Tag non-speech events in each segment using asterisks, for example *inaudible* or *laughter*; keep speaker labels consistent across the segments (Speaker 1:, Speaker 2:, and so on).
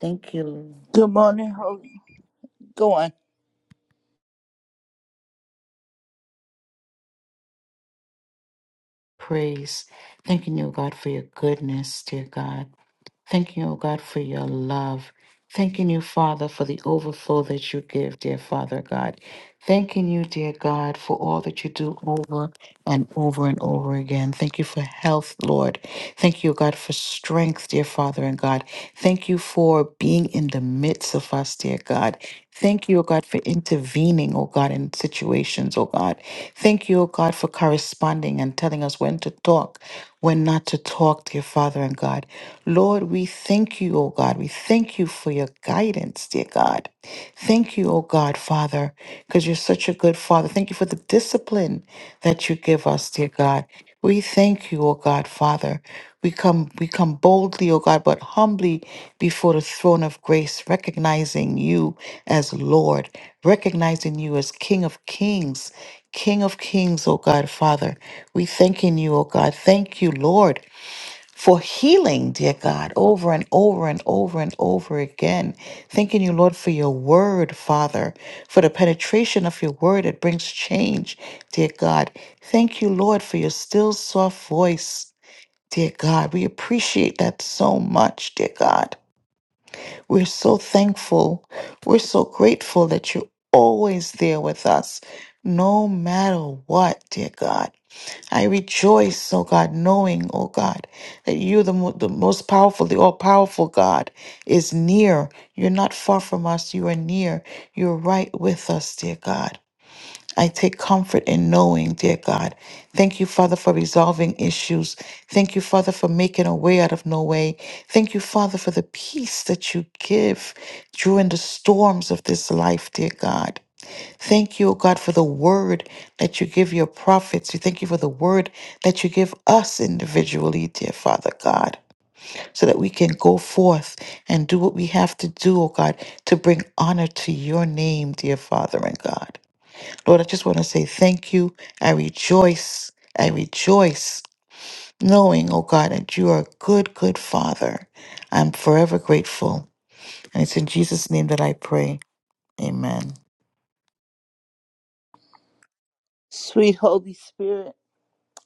Speaker 1: Thank you,
Speaker 2: Good morning, Holy. Go on,
Speaker 1: praise. Thanking you, dear God, for your goodness, dear God. Thanking you, oh God, for your love. Thanking you, Father, for the overflow that you give, dear Father God. Thanking you, dear God, for all that you do over and over and over again. Thank you for health, Lord. Thank you, oh God, for strength, dear Father and God. Thank you for being in the midst of us, dear God. Thank you, O God, for intervening, O God, in situations, O God. Thank you, O God, for corresponding and telling us when to talk, when not to talk, dear Father and God. Lord, we thank you, O God. We thank you for your guidance, dear God. Thank you, O God, Father, because you're such a good Father. Thank you for the discipline that you give us, dear God. We thank you, O God, Father. We come, we come boldly, O God, but humbly before the throne of grace, recognizing you as Lord, recognizing you as King of Kings, King of Kings, O God, Father. We thanking you, O God. Thank you, Lord for healing, dear God, over and over and over and over again. Thanking you, Lord, for your word, Father, for the penetration of your word that brings change, dear God. Thank you, Lord, for your still soft voice, dear God. We appreciate that so much, dear God. We're so thankful. We're so grateful that you're always there with us, no matter what, dear God. I rejoice, oh God, knowing, oh God, that you, the, mo- the most powerful, the all powerful God, is near. You're not far from us. You are near. You're right with us, dear God. I take comfort in knowing, dear God. Thank you, Father, for resolving issues. Thank you, Father, for making a way out of no way. Thank you, Father, for the peace that you give during the storms of this life, dear God. Thank you, O God, for the word that you give your prophets. We thank you for the word that you give us individually, dear Father God, so that we can go forth and do what we have to do, O God, to bring honor to your name, dear Father and God. Lord, I just want to say thank you. I rejoice. I rejoice knowing, O God, that you are a good, good Father. I'm forever grateful. And it's in Jesus' name that I pray. Amen.
Speaker 2: sweet Holy Spirit.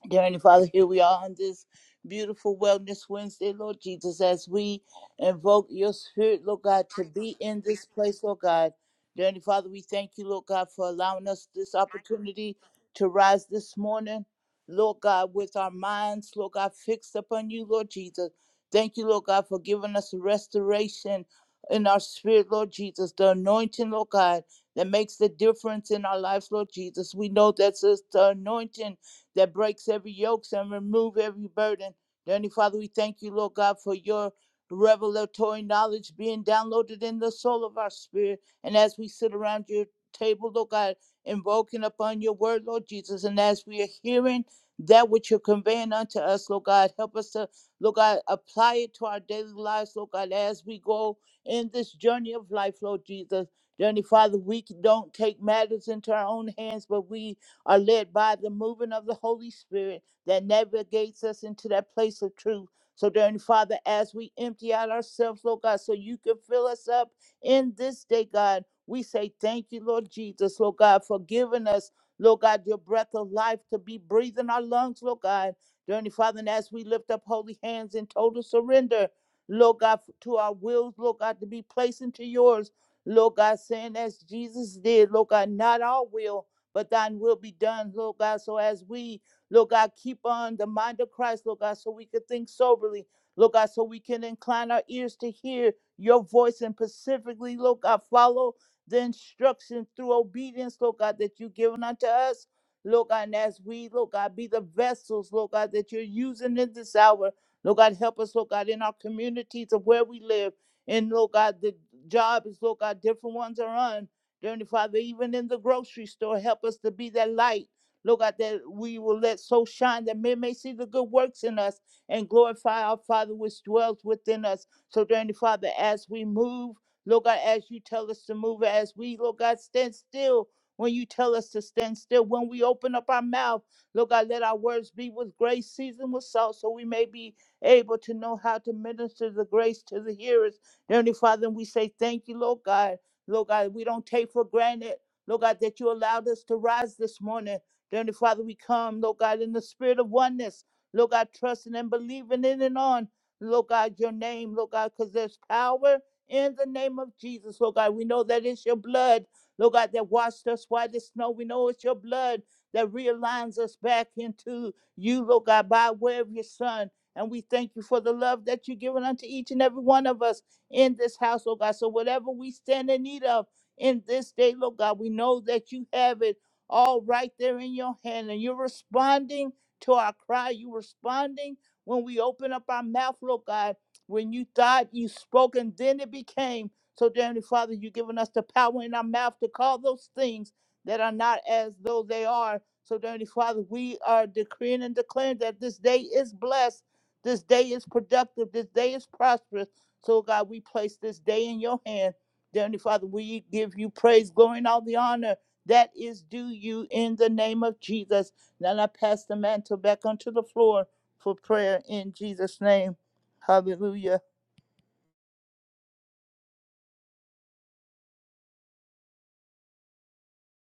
Speaker 2: Dear Heavenly Father, here we are on this beautiful Wellness Wednesday, Lord Jesus, as we invoke your spirit, Lord God, to be in this place, Lord God. Dear Heavenly Father, we thank you, Lord God, for allowing us this opportunity to rise this morning, Lord God, with our minds, Lord God, fixed upon you, Lord Jesus. Thank you, Lord God, for giving us restoration in our spirit, Lord Jesus, the anointing, Lord God, that makes the difference in our lives, Lord Jesus. We know that's just the anointing that breaks every yoke and remove every burden. Dearly Father, we thank you, Lord God, for your revelatory knowledge being downloaded in the soul of our spirit. And as we sit around your table, Lord God, invoking upon your word, Lord Jesus, and as we are hearing that which you're conveying unto us, Lord God, help us to, Lord God, apply it to our daily lives, Lord God, as we go in this journey of life, Lord Jesus. Dearly Father, we don't take matters into our own hands, but we are led by the movement of the Holy Spirit that navigates us into that place of truth. So, dear Father, as we empty out ourselves, Lord God, so you can fill us up in this day, God, we say thank you, Lord Jesus, Lord God, for giving us, Lord God, your breath of life to be breathing our lungs, Lord God. Dear Father, and as we lift up holy hands in total surrender, Lord God, to our wills, Lord God, to be placed into yours, Lord God, saying as Jesus did, Lord God, not our will, but thine will be done, Lord God. So as we, Lord God, keep on the mind of Christ, Lord God, so we can think soberly, Lord God, so we can incline our ears to hear your voice and specifically, Lord God, follow the instruction through obedience, Lord God, that you've given unto us. Lord God, and as we, Lord God, be the vessels, Lord God, that you're using in this hour. Lord God, help us, Lord God, in our communities of where we live. And Lord God, the job is, Lord God, different ones are on. Dear Heavenly Father, even in the grocery store, help us to be that light. Lord God, that we will let so shine that men may see the good works in us and glorify our Father which dwells within us. So, dear Heavenly Father, as we move, Lord God, as you tell us to move, as we, Lord God, stand still when you tell us to stand still, when we open up our mouth, Lord God, let our words be with grace, seasoned with salt, so we may be able to know how to minister the grace to the hearers. Dear Heavenly Father, we say thank you, Lord God. Lord God, we don't take for granted, Lord God, that you allowed us to rise this morning. Dear Heavenly Father, we come, Lord God, in the spirit of oneness, Lord God, trusting and believing in and on, Lord God, your name, Lord God, because there's power in the name of Jesus, Lord God. We know that it's your blood, Lord God, that washed us white as snow. We know it's your blood that realigns us back into you, Lord God, by way of your Son. And we thank you for the love that you've given unto each and every one of us in this house, oh God. So whatever we stand in need of in this day, Lord God, we know that you have it all right there in your hand and you're responding to our cry. You're responding when we open up our mouth, Lord God, when you thought you spoke and then it became. So, dear Heavenly Father, you've given us the power in our mouth to call those things that are not as though they are. So, dear Heavenly Father, we are decreeing and declaring that this day is blessed. This day is productive. This day is prosperous. So, God, we place this day in your hand. Dear Heavenly Father, we give you praise, glory, and all the honor that is due you in the name of Jesus. Now I pass the mantle back onto the floor for prayer in Jesus' name. Hallelujah.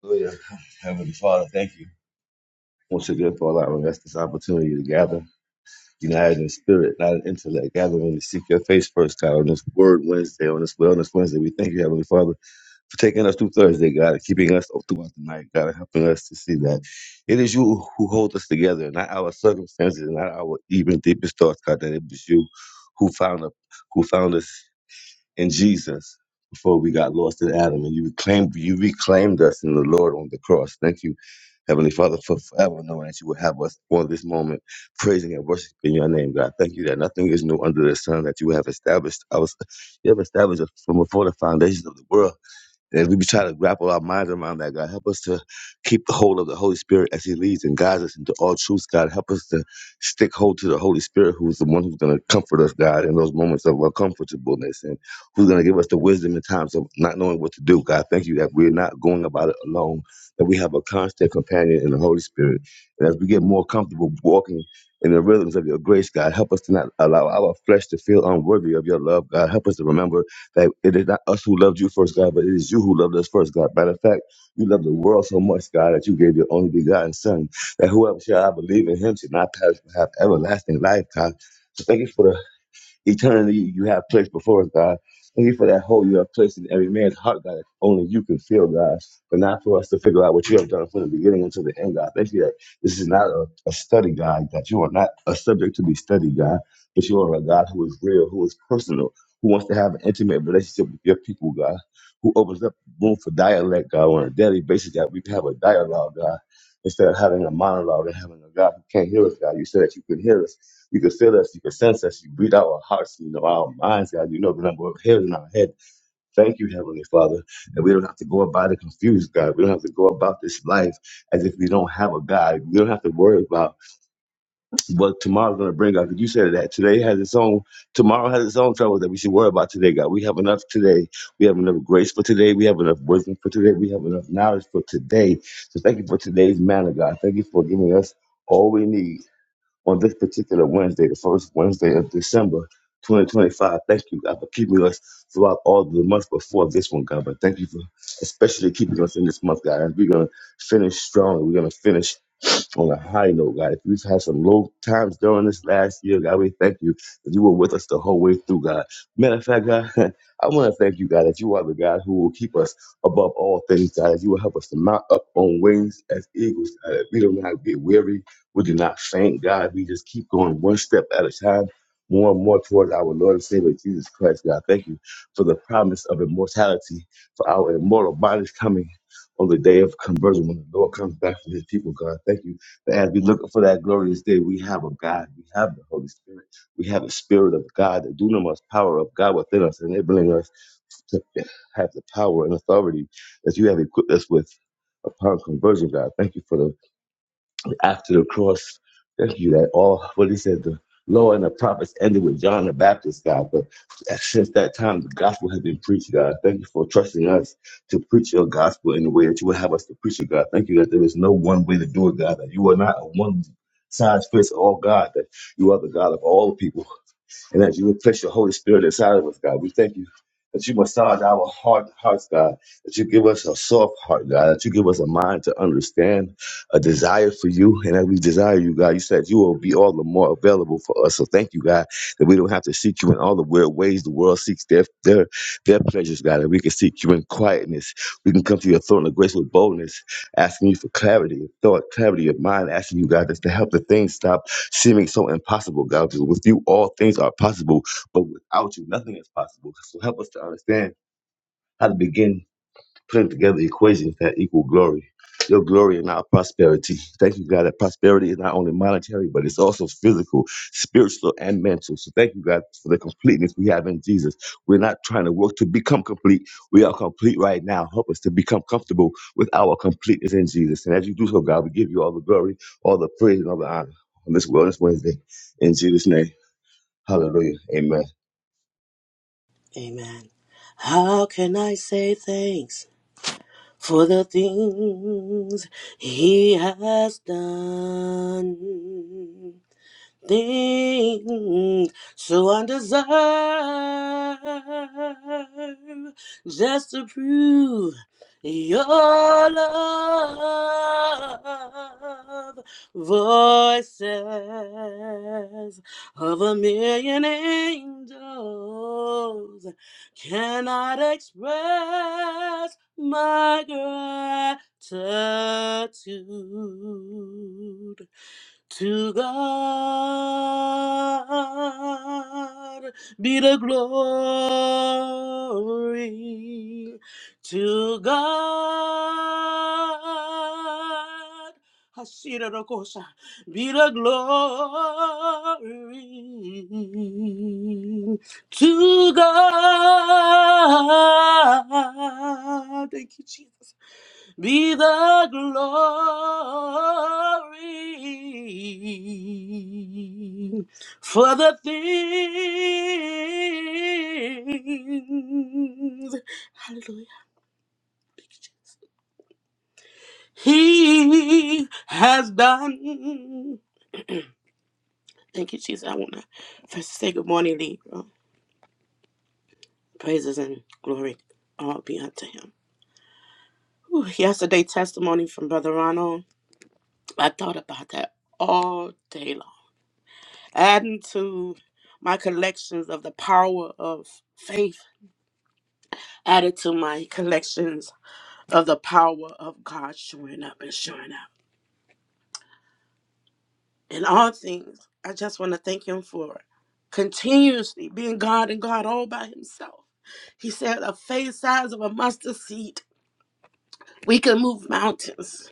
Speaker 3: Hallelujah. Heavenly Father, thank you once again for allowing us this opportunity to gather, united in spirit, not in intellect, gathering to seek your face first, God, on this Word Wednesday, on this Wellness Wednesday. We thank you, Heavenly Father, for taking us through Thursday, God, and keeping us up throughout the night, God, and helping us to see that it is you who hold us together, not our circumstances, not our even deepest thoughts, God, that it was you who found us, who found us in Jesus before we got lost in Adam. And you reclaimed you reclaimed us in the Lord on the cross. Thank you, Heavenly Father, for forever knowing that you will have us on this moment, praising and worshiping your name, God. Thank you that nothing is new under the sun, that you have established us you have established us from before the foundations of the world. As we try to grapple our minds around that, God, help us to keep the hold of the Holy Spirit as He leads and guides us into all truth, God. Help us to stick hold to the Holy Spirit, who's the one who's going to comfort us, God, in those moments of uncomfortableness and who's going to give us the wisdom in times of not knowing what to do, God. Thank you that we're not going about it alone, that we have a constant companion in the Holy Spirit. And as we get more comfortable walking in the rhythms of your grace, God, help us to not allow our flesh to feel unworthy of your love, God. Help us to remember that it is not us who loved you first, God, but it is you who loved us first, God. Matter of fact, you love the world so much, God, that you gave your only begotten Son, that whoever shall I believe in him shall not perish but have everlasting life, God. So thank you for the Eternally, you have placed before us, God. Thank you for that hole you have placed in every man's heart, God. that Only you can feel, God, but not for us to figure out what you have done from the beginning until the end, God. Thank you that this is not a, a study God. that you are not a subject to be studied, God, but you are a God who is real, who is personal, who wants to have an intimate relationship with your people, God, who opens up room for dialect, God, on a daily basis, that we can have a dialogue, God, instead of having a monologue and having a God who can't hear us, God. You said that you could hear us you can feel us. You can sense us. You breathe out our hearts, you know, our minds, God. You know, the number of hairs in our head. Thank you, Heavenly Father, that we don't have to go about it confused, God. We don't have to go about this life as if we don't have a God. We don't have to worry about what tomorrow's going to bring, God. 'Cause you said that today has its own, tomorrow has its own trouble that we should worry about today, God. We have enough today. We have enough grace for today. We have enough wisdom for today. We have enough knowledge for today. So thank you for today's manna, God. Thank you for giving us all we need on this particular Wednesday, the first Wednesday of December 2025. Thank you, God, for keeping us throughout all the months before this one, God. But thank you for especially keeping us in this month, God. And we're going to finish strong. We're going to finish on a high note, God. If we've had some low times during this last year, God, we thank you that you were with us the whole way through, God. Matter of fact, God, *laughs* I want to thank you, God, that you are the God who will keep us above all things, God, that you will help us to mount up on wings as eagles, God, that we do not get weary, we do not faint, God. We just keep going one step at a time. More and more towards our Lord and Savior Jesus Christ, God. Thank you for the promise of immortality, for our immortal bodies coming on the day of conversion when the Lord comes back for his people, God. Thank you as we look for that glorious day, we have a God, we have the Holy Spirit, we have the Spirit of God, the dunamis power of God within us, enabling us to have the power and authority that you have equipped us with upon conversion, God. Thank you for the after the cross. Thank you that all what he said the law and the prophets ended with John the Baptist, God. But since that time, the gospel has been preached, God. Thank you for trusting us to preach your gospel in the way that you would have us to preach it, God. Thank you that there is no one way to do it, God. That you are not a one size fits all God. That you are the God of all people and that you would place your Holy Spirit inside of us, God. We thank you that you massage our heart, hearts, God, that you give us a soft heart, God, that you give us a mind to understand, a desire for you, and that we desire you, God. You said you will be all the more available for us. So thank you, God, that we don't have to seek you in all the weird ways the world seeks their their their pleasures, God, that we can seek you in quietness. We can come to your throne of grace with boldness asking you for clarity of thought, clarity of mind, asking you, God, just to help the things stop seeming so impossible, God. Because with you, all things are possible, but without you, nothing is possible. So help us to understand how to begin putting together equations that equal glory. Your glory and our prosperity. Thank you, God, that prosperity is not only monetary, but it's also physical, spiritual, and mental. So thank you, God, for the completeness we have in Jesus. We're not trying to work to become complete. We are complete right now. Help us to become comfortable with our completeness in Jesus. And as you do so, God, we give you all the glory, all the praise, and all the honor on this Wellness Wednesday. In Jesus' name, hallelujah. Amen.
Speaker 4: Amen. How can I say thanks for the things he has done? things so undeserved just to prove your love voices of a million angels cannot express my gratitude to God be the glory. To God Hashira Rokosha, be the glory. To God. Thank you, Jesus be the glory for the things Hallelujah. he has done. Thank you, Jesus. I want to first say good morning, Lee. Oh, Praises and glory all be unto him. Whew, yesterday, testimony from Brother Ronald. I thought about that all day long. adding to my collections of the power of faith, added to my collections of the power of God showing up and showing out. In all things, I just want to thank Him for continuously being God and God all by Himself. He said, a faith size of a mustard seed, we can move mountains.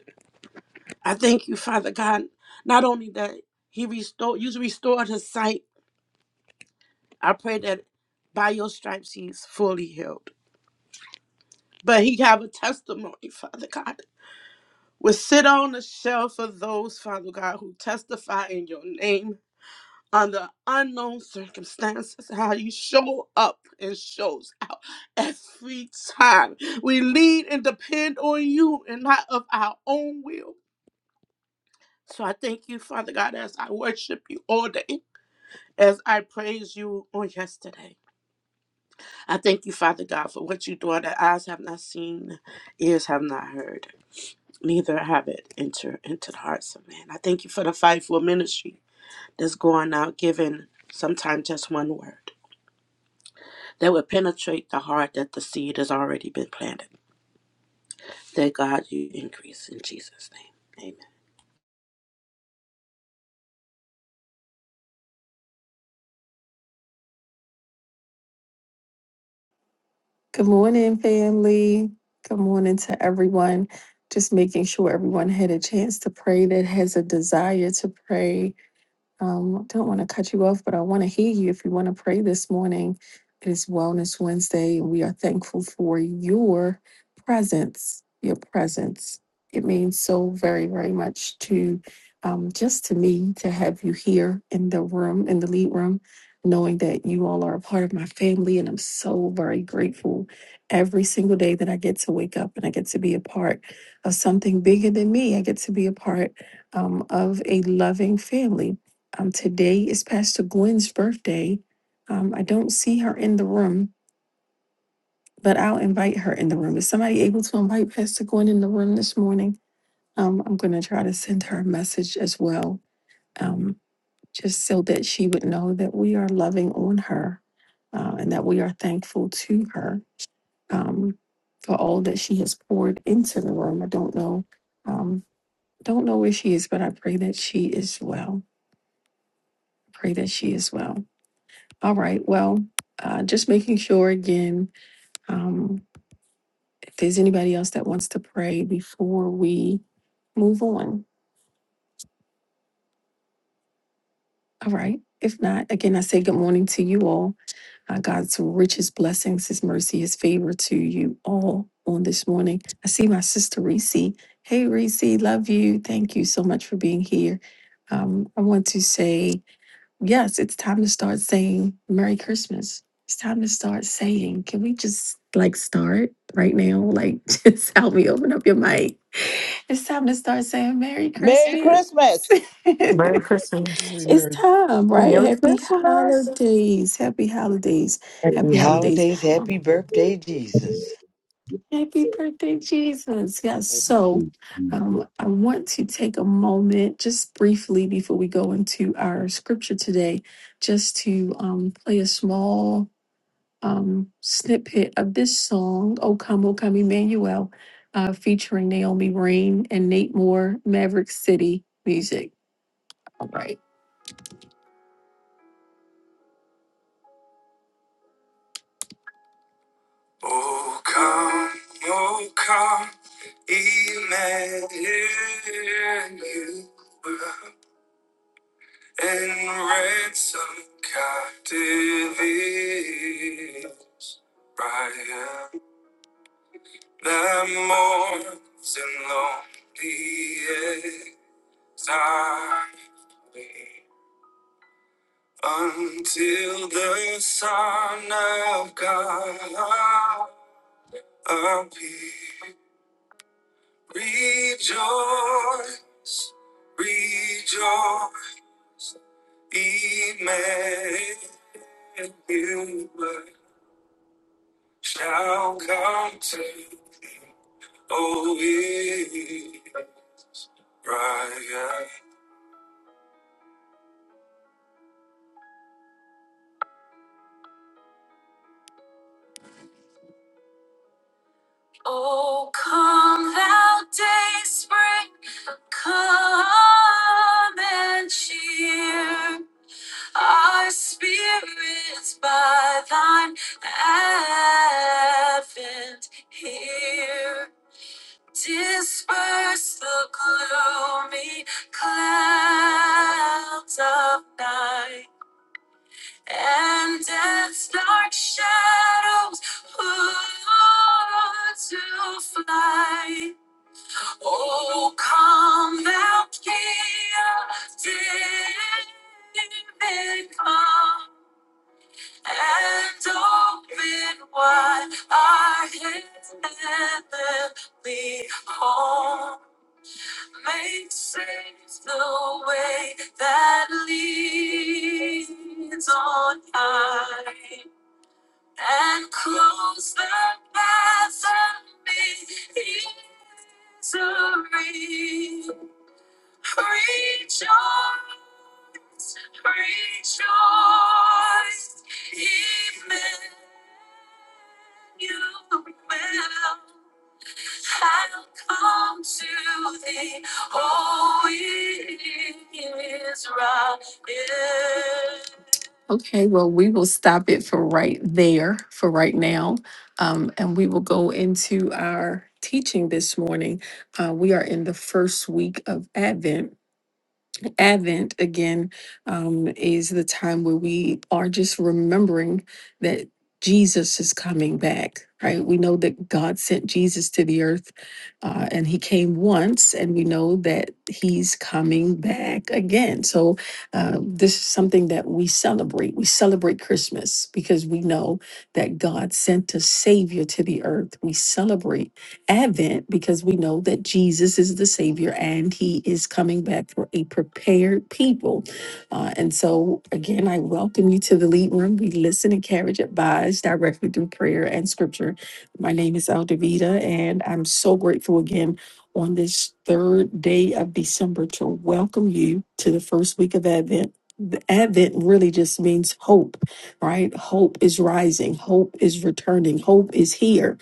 Speaker 4: I thank you, Father God, not only that He restored, you restored His sight. I pray that by your stripes He's fully healed. But he have a testimony, Father God. Will sit on the shelf of those, Father God, who testify in your name under unknown circumstances, how you show up and shows out every time. We lead and depend on you and not of our own will. So I thank you, Father God, as I worship you all day, as I praise you on yesterday. I thank you, Father God, for what you're doing that eyes have not seen, ears have not heard. neither have it enter into the hearts of man. I thank you for the fivefold ministry that's going out, giving sometimes just one word that would penetrate the heart that the seed has already been planted. Thank God in Jesus' name.
Speaker 5: Good morning, family. Good morning to everyone. Just making sure everyone had a chance to pray that has a desire to pray. Um, don't want to cut you off, but I want to hear you if you want to pray this morning. It is Wellness Wednesday, and we are thankful for your presence. Your presence. It means so very, very much to um, just to me to have you here in the room, in the lead room, knowing that you all are a part of my family. And I'm so very grateful every single day that I get to wake up and I get to be a part of something bigger than me. I get to be a part um, of a loving family um, today is Pastor Gwen's birthday. Um, I don't see her in the room, but I'll invite her in the room. Is somebody able to invite Pastor Gwen in the room this morning? Um, I'm going to try to send her a message as well, um, just so that she would know that we are loving on her uh, and that we are thankful to her um, for all that she has poured into the room. I don't know. Um, don't know where she is, but I pray that she is well. Pray that she is well. All right. Well, uh, just making sure again, um, if there's anybody else that wants to pray before we move on. All right. If not, again, I say good morning to you all. Uh, God's richest blessings, His mercy, His favor to you all on this morning. I see my sister Reese. Hey, Reese, love you. Thank you so much for being here. Um, I want to say, yes, it's time to start saying Merry Christmas. It's time to start saying, can we just like start right now? Like, *laughs* just help me open up your mic. It's time to start saying Merry
Speaker 2: Merry
Speaker 5: Christmas.
Speaker 2: Christmas.
Speaker 5: *laughs*
Speaker 6: Merry
Speaker 5: it's
Speaker 6: Christmas.
Speaker 7: Mary, Mary,
Speaker 5: time, right?
Speaker 8: Merry
Speaker 5: Happy
Speaker 8: Christmas.
Speaker 5: holidays. Happy holidays.
Speaker 9: Happy
Speaker 5: Happy holidays.
Speaker 9: holidays.
Speaker 5: Um,
Speaker 9: Happy birthday, Jesus.
Speaker 5: Happy birthday, Jesus. Yes.
Speaker 4: Amen.
Speaker 5: So um, I want to take a moment just briefly before we go into our scripture today, just to um, play a small um, snippet of this song, O Come, O Come Emmanuel, uh, featuring Naomi Rain and Nate Moore, Maverick City Music. All right. Oh, come, oh, come, Emmanuel. and ransom captives. I am the mourns and lonely exile until the Son of God appear. Rejoice, rejoice, Emmanuel. shall come to oh Israel. Oh, come thou day spring, come and cheer our spirits by thine advent here. Disperse the gloomy clouds of night. and death's dark shadows were to fly. Oh, come thou King of David, come and open wide our heavenly home. Make safe the way that leads on high and close the path of misery. Rejoice, rejoice, Emmanuel. I'll come to thee, O Israel. Okay, well, we will stop it for right there, for right now. Um, and we will go into our teaching this morning. Uh, we are in the first week of Advent. Advent again um, is the time where we are just remembering that Jesus is coming back, right? We know that God sent Jesus to the earth uh, and he came once, and we know that he's coming back again. So, uh, this is something that we celebrate. We celebrate Christmas because we know that God sent a Savior to the earth. We celebrate Advent because we know that Jesus is the Savior and He is coming back for a prepared people. Uh, and so, again, I welcome you to the lead room. We listen, encourage, advise directly through prayer and scripture. My name is Aldavita, and I'm so grateful again on this third day of December to welcome you to the first week of Advent. The Advent really just means hope, right? Hope is rising, hope is returning, hope is here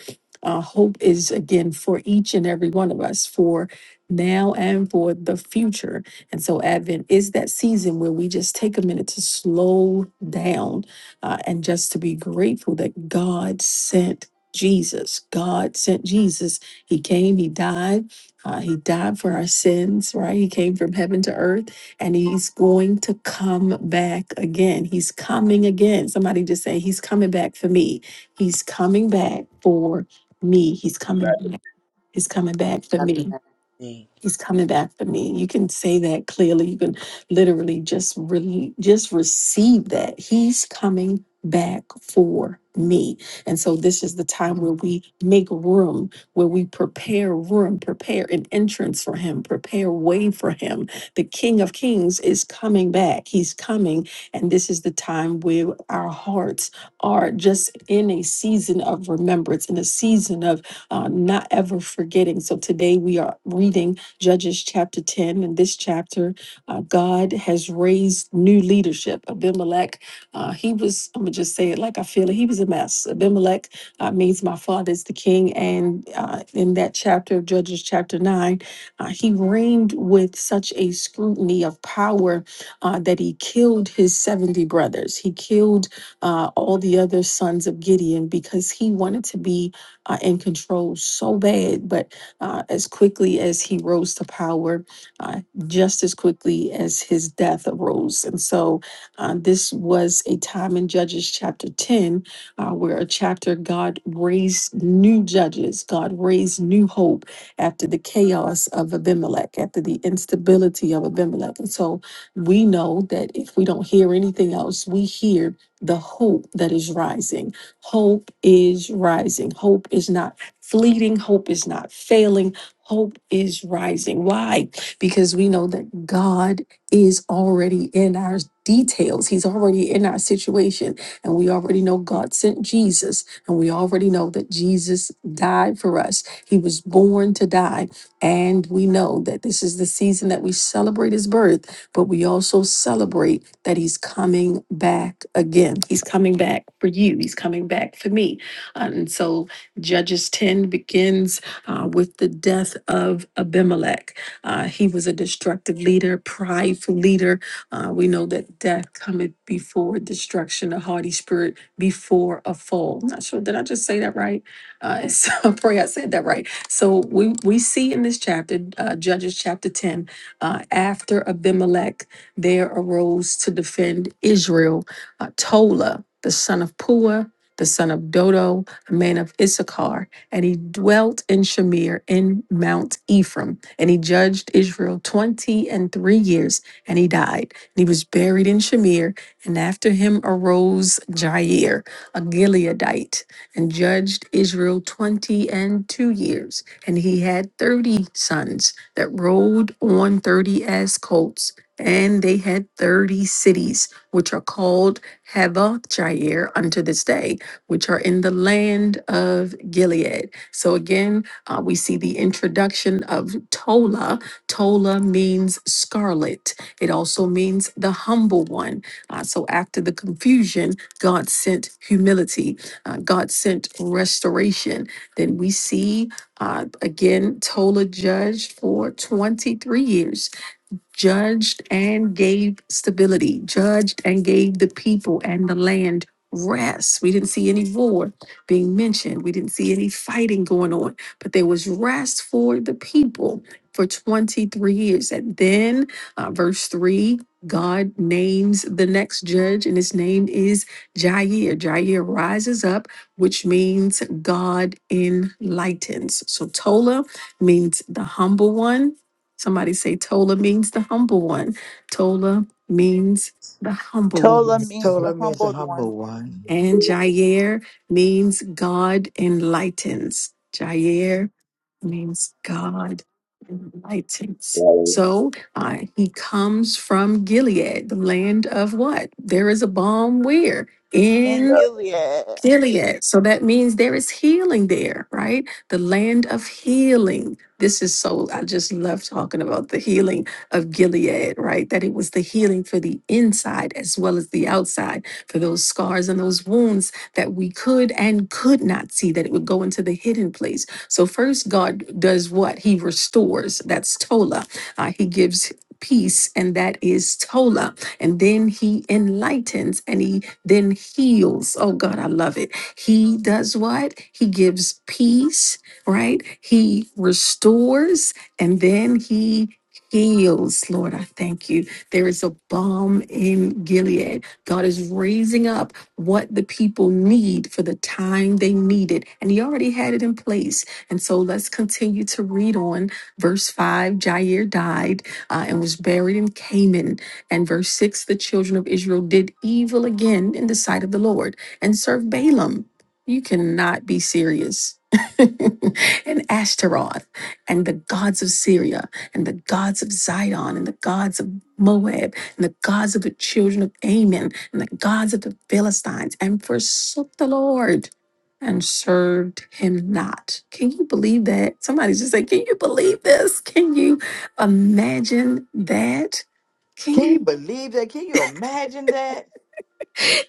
Speaker 5: uh, hope is again for each and every one of us for now and for the future. And so, Advent is that season where we just take a minute to slow down uh, and just to be grateful that God sent Jesus. God sent Jesus. He came, He died. Uh, he died for our sins, right? He came from heaven to earth and he's going to come back again. He's coming again. Somebody just say, He's coming back for me. He's coming back for me. He's coming back. He's coming back for me.
Speaker 4: Amen.
Speaker 5: He's coming back for me. You can say that clearly. You can literally just really just receive that. He's coming back for me. And so this is the time
Speaker 7: please come
Speaker 5: where we make room, where we prepare room, prepare an entrance for him, prepare way for him. The King of Kings is coming back. He's coming. And this is the time where our hearts are just in a season of remembrance, in a season of uh, not ever forgetting. So today we are reading Judges chapter 10. In this chapter, uh, God has raised new leadership. Abimelech, uh, he was, I'm going to just say it like I feel it, he was a mess. Abimelech uh, means my father is the king. And uh, in that chapter of Judges chapter 9, uh, he reigned with such a scrutiny of power uh, that he killed his 70 brothers. He killed uh, all the other sons of Gideon because he wanted to be uh, in control so bad. But uh, as quickly as he rose to power, uh, just as quickly as his death arose. And so uh, this was a time in Judges chapter 10, uh, where a chapter God raised new judges, God raised new hope after the chaos of Abimelech, after the instability of Abimelech. And so we know that if we don't hear anything else, we hear the hope that is rising. Hope is rising. Hope is not fleeting. Hope is not failing. Hope is rising. Why? Because we know that God is already in our details. He's already in our situation. And we already know God sent Jesus. And we already know that Jesus died for us. He was born to die. And we know that this is the season that we celebrate his birth, but we also celebrate that he's coming back again. He's coming back for you. He's coming back for me. And so Judges 10 begins uh, with the death of Abimelech. Uh, he was a destructive leader, prideful leader. Uh, we know that death cometh before destruction, a haughty spirit before a fall. Not sure, did I just say that right? Uh, *laughs* so I pray I said that right. So we, we see in this chapter, uh, Judges chapter 10, uh, after Abimelech, there arose to defend Israel uh, Tola, the son of Pua, the son of Dodo, a man of Issachar, and he dwelt in Shamir in Mount Ephraim. And he judged Israel twenty and three years, and he died. And he was buried in Shamir, and after him arose Jair, a Gileadite, and judged Israel twenty and two years. And he had thirty sons that rode on thirty as colts. And they had thirty cities, which are called Havoth Jair unto this day which are in the land of Gilead. So again, uh, we see the introduction of Tola. Tola means scarlet, it also means the humble one. Uh, so after the confusion, God sent humility, uh, God sent restoration. Then we see uh, again, Tola judged for 23 years judged and gave stability, judged and gave the people and the land rest. We didn't see any war being mentioned, we didn't see any fighting going on, but there was rest for the people for 23 years. And then, uh, verse 3. God names the next judge, and his name is Jair. Jair rises up, which means God enlightens. So Tola means the humble one, Somebody say Tola means the humble one. Tola means the humble
Speaker 7: hold of
Speaker 2: Tola
Speaker 7: me.
Speaker 5: ones.
Speaker 2: means
Speaker 7: Um,
Speaker 9: Told
Speaker 2: the
Speaker 9: her means a
Speaker 2: humbled one
Speaker 9: humble one.
Speaker 5: And Jair means God enlightens. Jair means God enlightens. So uh, he comes from Gilead, the land of what? There is a balm where?
Speaker 2: in
Speaker 5: In
Speaker 2: Gilead.
Speaker 5: Gilead. So that means there is healing there, right? The land of healing. This is so, I just love talking about the healing of Gilead, right? That it was the healing for the inside as well as the outside, for those scars and those wounds that we could and could not see, that it would go into the hidden place. So, first, God does what? He restores. That's Tola. Uh, he gives peace, and that is Tola. And then He enlightens and He then heals. Oh God, I love it. He does what? He gives peace, right? He restores and then he heals. Lord, I thank you. There is a balm in Gilead. God is raising up what the people need for the time they need it. And he already had it in place. And so let's continue to read on verse 5. Jair died uh, and was buried in Canaan. And verse 6 the children of Israel did evil again in the sight of the Lord and served Balaam. You cannot be serious. *laughs* and Ashtaroth and the gods of Syria and the gods of Zidon and the gods of Moab and the gods of the children of Ammon and the gods of the Philistines and forsook the Lord and served him not. Can you believe that? Somebody just say, Can you believe this? Can you imagine that? Can
Speaker 9: Can
Speaker 5: you
Speaker 9: you believe that? Can you imagine that?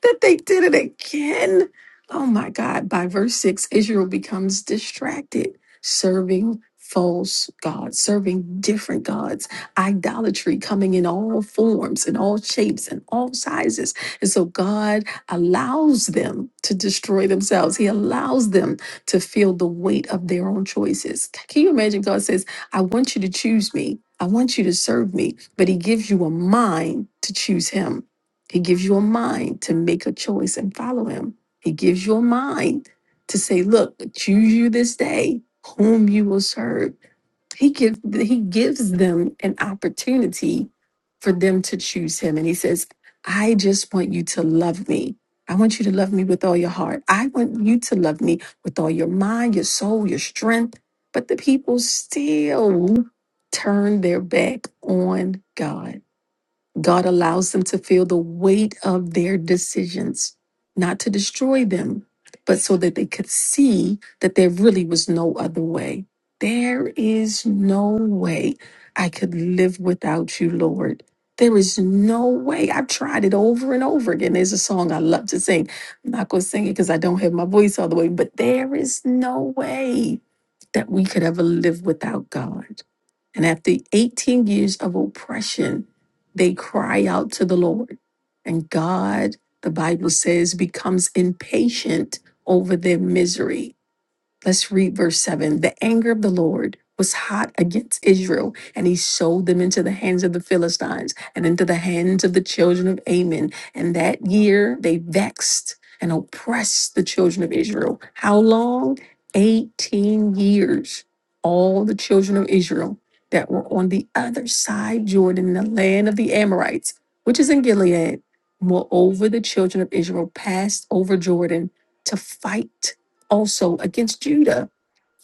Speaker 5: that they did it again. Oh my God. By verse 6, Israel becomes distracted, serving false gods, serving different gods, idolatry coming in all forms, in all shapes, and all sizes. And so God allows them to destroy themselves. He allows them to feel the weight of their own choices. Can you imagine? God says, I want you to choose me. I want you to serve me, but he gives you a mind to choose him. He gives you a mind to make a choice and follow him. He gives you a mind to say, look, choose you this day whom you will serve. He gives he gives them an opportunity for them to choose him. And he says, I just want you to love me. I want you to love me with all your heart. I want you to love me with all your mind, your soul, your strength. But the people still turn their back on God God allows them to feel the weight of their decisions, not to destroy them, but so that they could see that there really was no other way. There is no way I could live without you, Lord. There is no way. I've tried it over and over again. There's a song I love to sing. I'm not going to sing it because I don't have my voice all the way, but there is no way that we could ever live without God. And after 18 years of oppression, they cry out to the Lord. And God, the Bible says, becomes impatient over their misery Let's read verse 7. The anger of the Lord was hot against Israel, and he sold them into the hands of the Philistines and into the hands of the children of Ammon. And that year they vexed and oppressed the children of Israel. How long? 18 years. All the children of Israel that were on the other side Jordan, the land of the Amorites, which is in Gilead. Moreover, the children of Israel passed over Jordan to fight also against Judah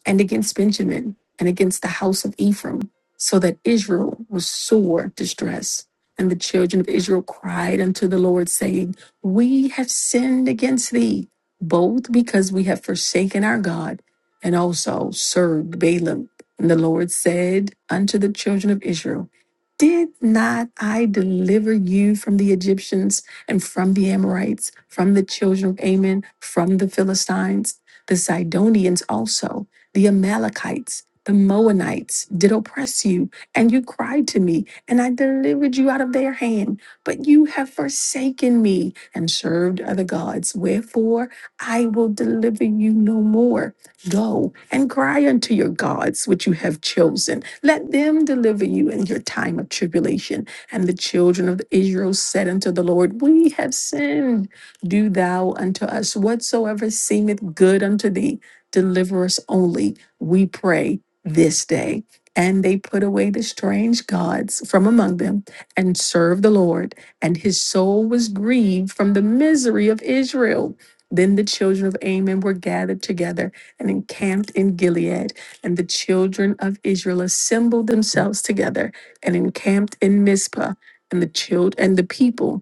Speaker 5: and against Benjamin and against the house of Ephraim, so that Israel was sore distressed. And the children of Israel cried unto the Lord, saying, We have sinned against thee, both because we have forsaken our God and also served Balaam. And the Lord said unto the children of Israel, Did not I deliver you from the Egyptians and from the Amorites, from the children of Ammon, from the Philistines? the Sidonians also. The Amalekites, the Moabites, did oppress you, and you cried to me, and I delivered you out of their hand. But you have forsaken me and served other gods. Wherefore I will deliver you no more. Go and cry unto your gods, which you have chosen. Let them deliver you in your time of tribulation. And the children of Israel said unto the Lord, We have sinned. Do thou unto us whatsoever seemeth good unto thee. Deliver us only, we pray, this day. And they put away the strange gods from among them and served the Lord. And his soul was grieved from the misery of Israel. Then the children of Ammon were gathered together and encamped in Gilead. And the children of Israel assembled themselves together and encamped in Mizpah. And the child and the people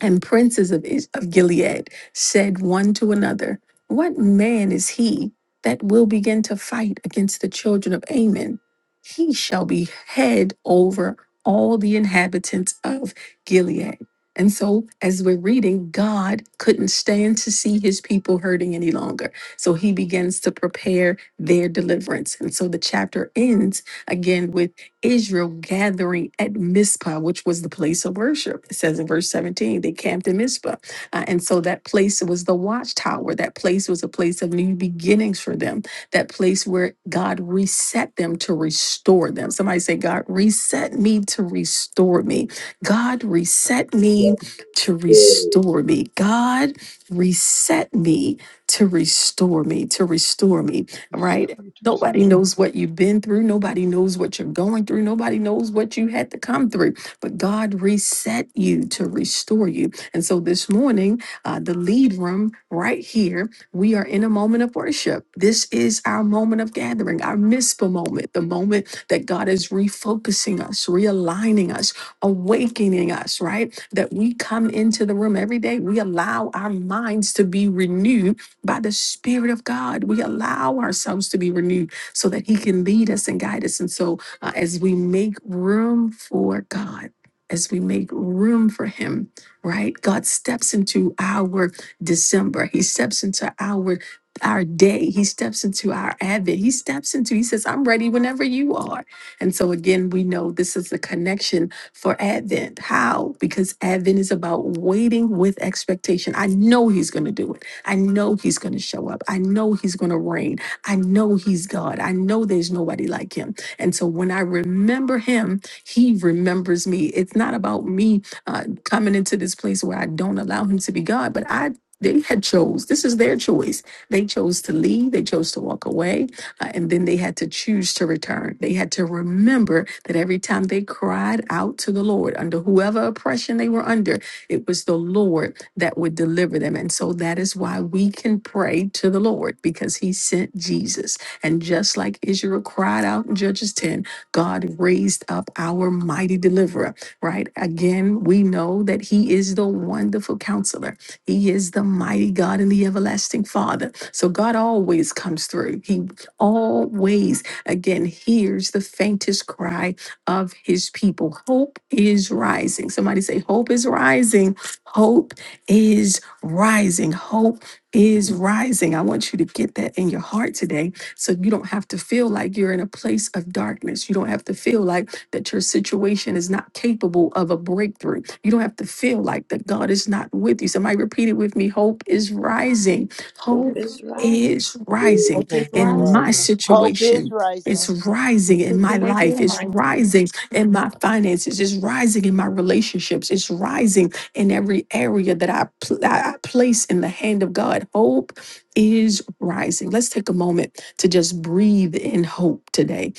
Speaker 5: and princes of, Is- of Gilead said one to another, What man is he that will begin to fight against the children of Ammon? He shall be head over all the inhabitants of Gilead. And so, as we're reading, God couldn't stand to see his people hurting any longer. So he begins to prepare their deliverance. And so the chapter ends again with. Israel gathering at Mizpah, which was the place of worship. It says in verse 17, they camped in Mizpah. Uh, and so that place was the watchtower. That place was a place of new beginnings for them, that place where God reset them to restore them. Somebody say, God, reset me to restore me. God, reset me to restore me. God, reset me to restore me, to restore me, right?
Speaker 7: accept me to restore
Speaker 5: Nobody
Speaker 7: me.
Speaker 5: knows what you've been through. Nobody knows what you're going through. Nobody knows what you had to come through. But God reset you to restore you. And so this morning, uh, the lead room right here, we are in a moment of worship. This is our moment of gathering, our Mizpah moment, the moment that God is refocusing us, realigning us, awakening us, right? That we come into the room every day. We allow our minds to be renewed by the Spirit of God, we allow ourselves to be renewed so that He can lead us and guide us. And so, uh, as we make room for God, as we make room for Him, right? God steps into our December, He steps into our our day. He steps into our advent. He steps into, he says, I'm ready whenever you are. And so again, we know this is the connection for Advent. How? Because Advent is about waiting with expectation. I know he's going to do it. I know he's going to show up. I know he's going to reign. I know he's God. I know there's nobody like him. And so when I remember him, he remembers me. It's not about me uh, coming into this place where I don't allow him to be God, but I they had chose this is their choice they chose to leave they chose to walk away uh, and then they had to choose to return they had to remember that every time they cried out to the lord under whoever oppression they were under it was the Lord that would deliver them. And so that is why we can pray to the Lord because he sent Jesus. And just like Israel cried out in Judges 10, God raised up our mighty deliverer, right? Again, we know that he is the wonderful counselor. He is the mighty God and the everlasting Father. So God always comes through. He always, again, hears the faintest cry of his people. Hope is rising. Somebody say, Hope is rising. Hope is rising. Hope is rising. I want you to get that in your heart today so you don't have to feel like you're in a place of darkness. You don't have to feel like that your situation is not capable of a breakthrough. You don't have to feel like that God is not with you. Somebody repeat it with me Hope is rising.
Speaker 4: Hope
Speaker 5: Hope
Speaker 4: is rising.
Speaker 5: is rising
Speaker 8: Hope it's
Speaker 7: Hope is
Speaker 9: Wow.
Speaker 5: in
Speaker 8: rising.
Speaker 5: my
Speaker 7: rising.
Speaker 8: Hope
Speaker 2: Hope is
Speaker 5: situation. It's
Speaker 2: rising.
Speaker 5: rising in my
Speaker 8: you right
Speaker 5: life.
Speaker 8: there,
Speaker 5: It's
Speaker 8: Mike.
Speaker 5: rising in my finances. It's rising in my relationships. It's rising in every area that I, pl- I I place in the hand of God. Hope is rising. Let's take a moment to just breathe in hope today.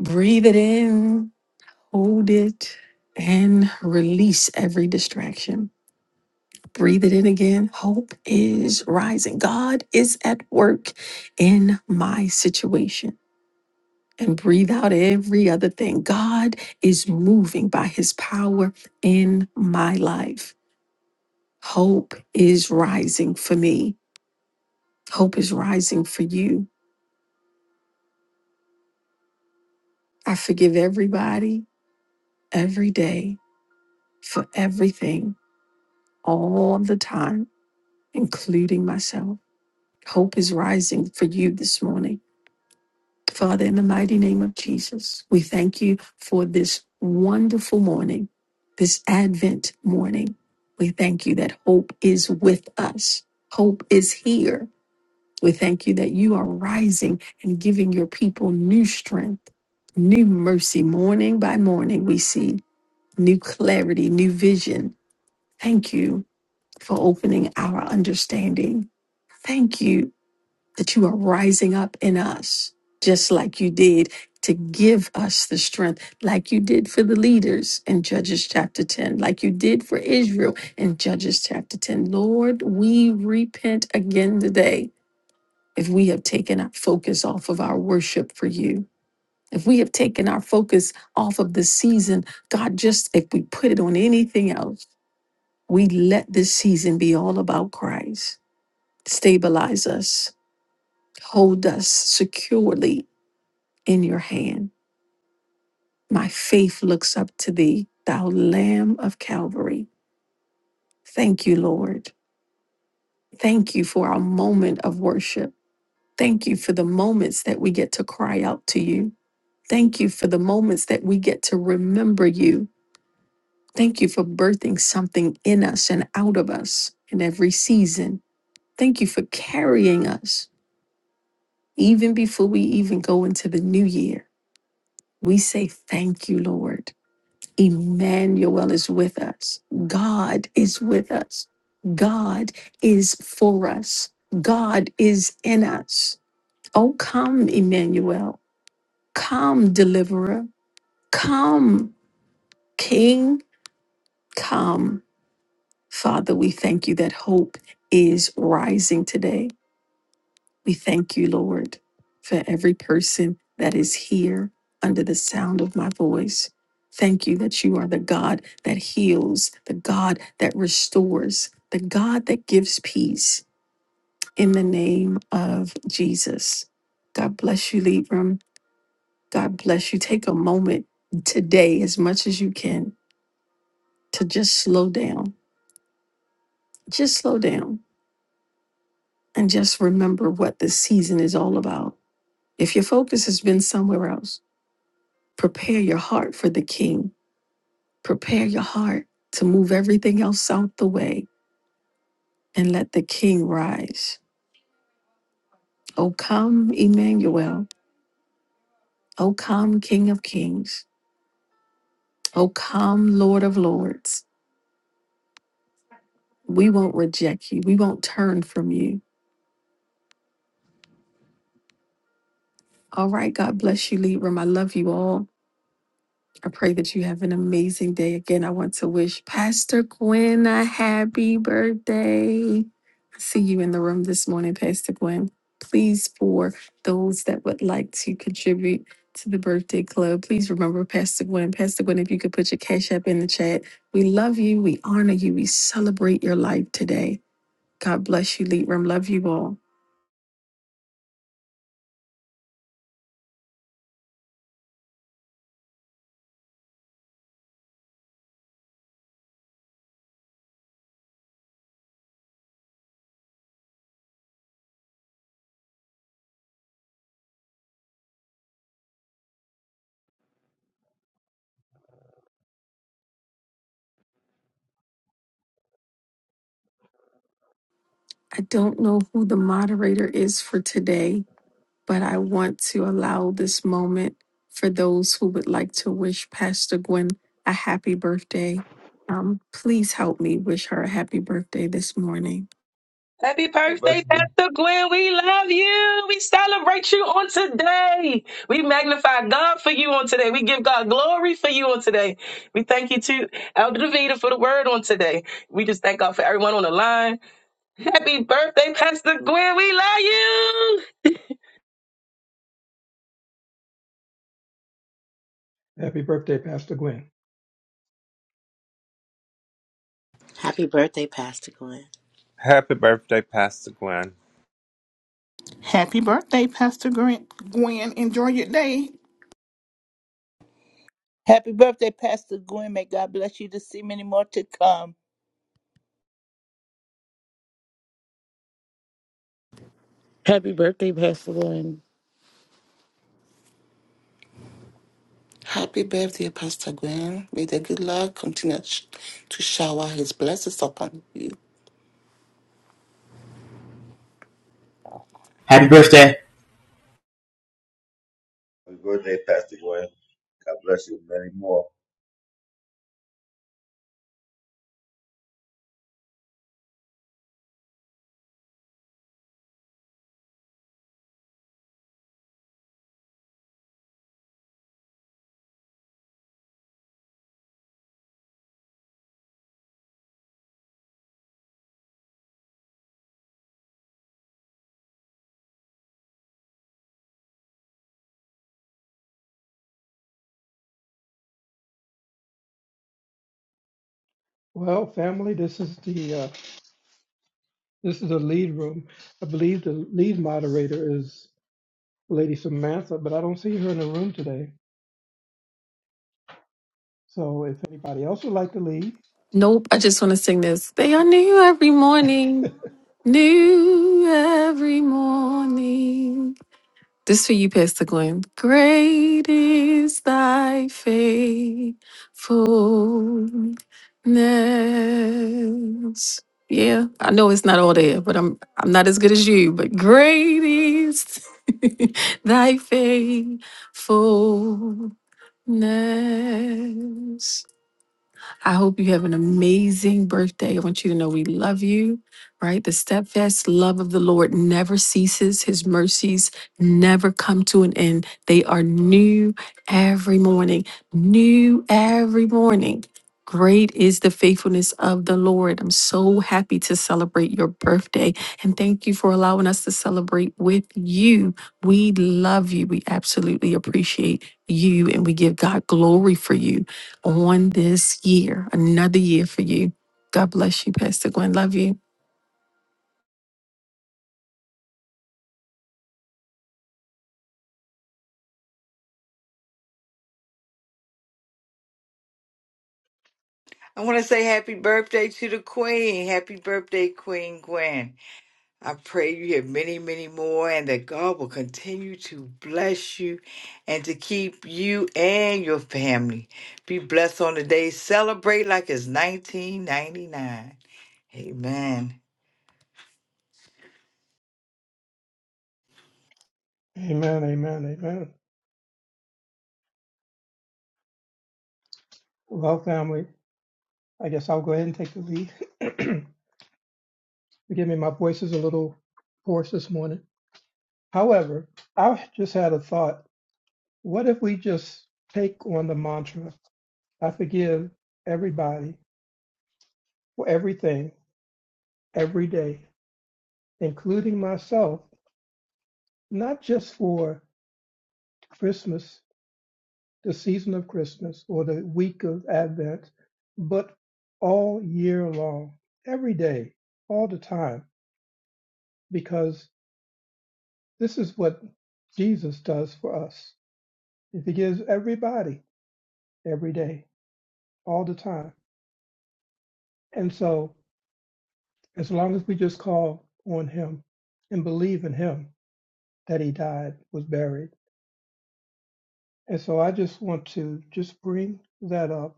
Speaker 5: Breathe it in, hold it, and release every distraction. Breathe it in again. Hope is rising. God is at work in my situation. and breathe out every other thing. God is moving by his power in my life. Hope is rising for me. Hope is rising for you. I forgive everybody every day for everything all the time, including myself. Hope is rising for you this morning. Father, in the mighty name of Jesus, we thank you for this wonderful morning, this Advent morning. We thank you that hope is with us, hope is here. We thank you that you are rising and giving your people new strength, new mercy. Morning by morning, we see new clarity, new vision. Thank you for opening our understanding. Thank you that you are rising up in us, just like you did to give us the strength, like you did for the leaders in Judges chapter 10, like you did for Israel in Judges chapter 10. Lord, we repent again today if we have taken our focus off of our worship for you. If we have taken our focus off of the season, God, just if we put it on anything else, we let this season be all about Christ. Stabilize us, hold us securely in your hand. My faith looks up to thee, thou Lamb of Calvary. Thank you, Lord. Thank you for our moment of worship. Thank you for the moments that we get to cry out to you. Thank you for the moments that we get to remember you. Thank you for birthing something in us and out of us in every season. Thank you for carrying us even before we even go into the new year. We say thank you, Lord. Emmanuel is with us. God is with us. God is for us. God is in us. Oh, come, Emmanuel. Come, deliverer. Come, King. Come. Father, we thank you that hope is rising today. We thank you, Lord, for every person that is here under the sound of my voice. Thank you that you are the God that heals, the God that restores, the God that gives peace in the name of Jesus. God bless you, Libram. God bless you. Take a moment today, as much as you can, to just slow down. Just slow down and just remember what this season is all about. If your focus has been somewhere else, Prepare your heart for the king. Prepare your heart to move everything else out the way and let the king rise. O come, Emmanuel. O come, King of kings. O come, Lord of lords. We won't reject you. We won't turn from you. All right. God bless you, Libram. I love you all. I pray that you have an amazing day. Again, I want to wish Pastor Gwen a happy birthday. I see you in the room this morning, Pastor Gwen. Please, for those that would like to contribute to the birthday club, please remember Pastor Gwen. Pastor Gwen, if you could put your cash app in the chat. We love you. We honor you. We celebrate your life today. God bless you, Lead Room. Love you all. I don't know who the moderator is for today. but I want to allow this moment for those who would like to wish Pastor Gwen a happy birthday. Um, please help me wish her a happy birthday this morning.
Speaker 10: Happy birthday,
Speaker 3: Hallelujah.
Speaker 10: Pastor Gwen. We love you. We celebrate you on today. We magnify God for you on today. We give God glory for you on today. We thank you to Elder Davida for the word on today. We just thank God for everyone on the line. Happy birthday, Pastor Gwen. We love you.
Speaker 7: Happy birthday, Pastor Gwen.
Speaker 4: Happy birthday, Pastor Glenn.
Speaker 11: Happy birthday, Pastor Gwen!
Speaker 8: Happy birthday, Pastor Gwen. Gwen, enjoy your day.
Speaker 2: Happy birthday, Pastor Gwen. May God bless you to see many more to come.
Speaker 12: Happy birthday, Pastor Lauren.
Speaker 13: Happy birthday, Pastor Gwen. May the good Lord continue to shower his blessings upon you.
Speaker 14: Happy birthday.
Speaker 3: Have a good day, Pastor Gwen. God bless you many more.
Speaker 7: Well, family, this is the uh, this is the lead room. I believe the lead moderator is Lady Samantha, but I don't see her in the room today. So, if anybody else would like to lead,
Speaker 5: Nope, I just want to sing this. They are new every morning, new every morning. This for you, Pastor Glenn. Great is thy faithfulness. Yeah, I know it's not all there, but I'm I'm not as good as you, but great is *laughs* thy faithfulness. I hope you have an amazing birthday. I want you to know we love you, right? The steadfast love of the Lord never ceases, His mercies never come to an end. They are new every morning, new every morning. Great is the faithfulness of the Lord. I'm so happy to celebrate your birthday and thank you for allowing us to celebrate with you. We love you. We absolutely appreciate you and we give God glory for you on this year, another year for you. God bless you, Pastor Gwen. Love you.
Speaker 9: I want to say happy birthday to the Queen. Happy birthday, Queen Gwen. I pray you have many, many more and that God will continue to bless you and to keep you and your family. Be blessed on the day. Celebrate like it's 1999. Amen.
Speaker 7: Amen, Amen, Amen. Well, family, I guess I'll go ahead and take the lead. *clears throat* Forgive me, my voice is a little hoarse this morning. However, I just had a thought What if we just take on the mantra, I forgive everybody for everything, every day, including myself, not just for Christmas, the season of Christmas, or the week of Advent, but all year long, every day, all the time, because this is what Jesus does for us. He forgives everybody, every day, all the time. And so As long as we just call on him and believe in him that he died, was buried. And so I just want to just bring that up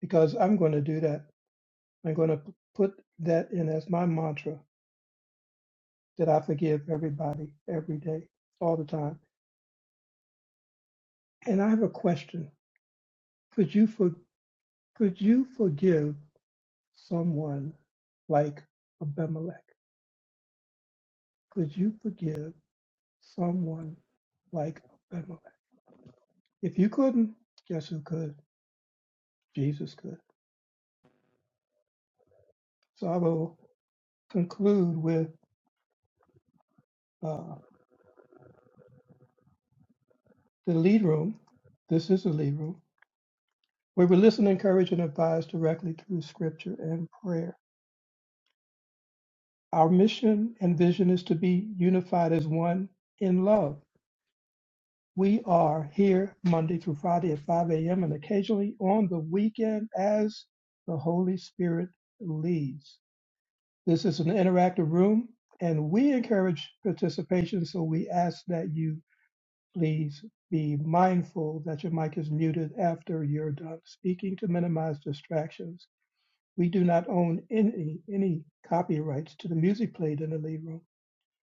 Speaker 7: because I'm going to do that. I'm going to put that in as my mantra that I forgive everybody every day, all the time. And I have a question. Could you for, could you forgive someone like Abimelech? Could you forgive someone like Abimelech? If you couldn't, guess who could? Jesus could. So I will conclude with uh, the lead room. This is the lead room where we listen, encourage, and advise directly through scripture and prayer. Our mission and vision is to be unified as one in love. We are here Monday through Friday at 5 a.m. and occasionally on the weekend as the Holy Spirit leads. This is an interactive room and we encourage participation, so we ask that you Please be mindful that your mic is muted after you're done speaking to minimize distractions. We do not own any any copyrights to the music played in the lead room.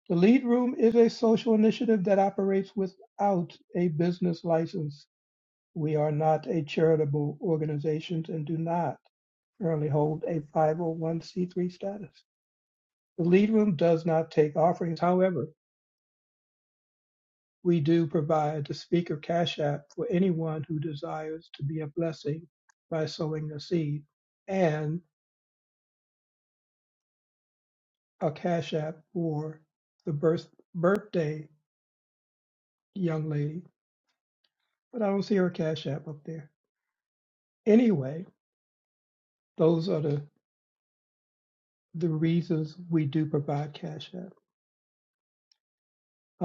Speaker 7: The lead room is a social initiative that operates without a business license. We are not a charitable organization and do not currently hold a 501c3 status. The lead room does not take offerings. However, We do provide the Speaker Cash App for anyone who desires to be a blessing by sowing a seed and a Cash App for the birth, birthday young lady. But I don't see her Cash App up there. Anyway, those are the, the reasons we do provide Cash App.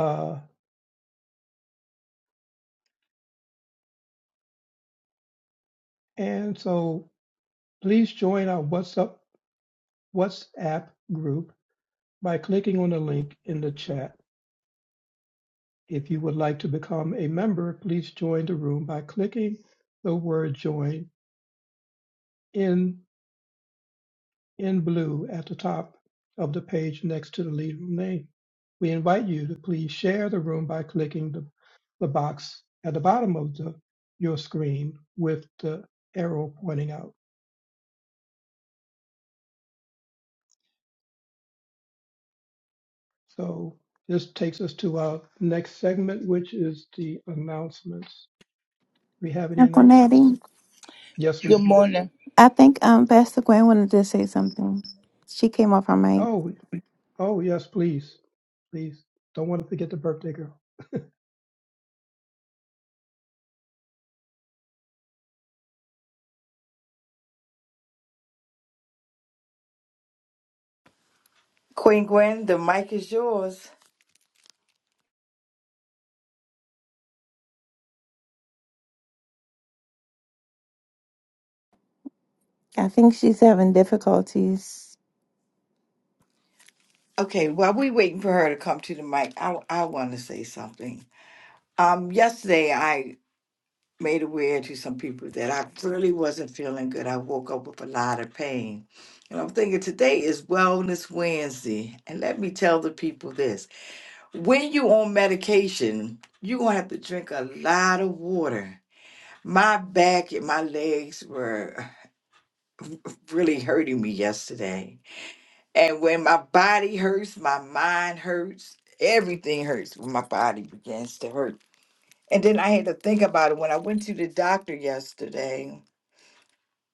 Speaker 7: Uh, and so please join our WhatsApp, WhatsApp group by clicking on the link in the chat If you would like to become a member, please join the room by clicking the word join in in blue at the top of the page next to the lead room name. We invite you to please share the room by clicking the, the box at the bottom of the, your screen with the arrow pointing out. So this takes us to our next segment, which is the announcements. Do We have any
Speaker 15: Uncle Natty,
Speaker 7: announcements? Yes, ma'am.
Speaker 2: Good morning.
Speaker 15: I think um Pastor Gwen wanted to say something. She came off her mic.
Speaker 7: Oh, oh yes, please. please. Don't want to forget the birthday girl.
Speaker 9: Queen Gwen, the mic is yours.
Speaker 15: I think she's having difficulties.
Speaker 9: Okay, while we waiting for her to come to the mic, I I want to say something. Um, yesterday I made aware to some people that I really wasn't feeling good. I woke up with a lot of pain, and I'm thinking today is Wellness Wednesday. And let me tell the people this: when you on medication, you gonna have to drink a lot of water. My back and my legs were really hurting me yesterday And when my body hurts, my mind hurts, everything hurts when my body begins to hurt. And then I had to think about it. When I went to the doctor yesterday,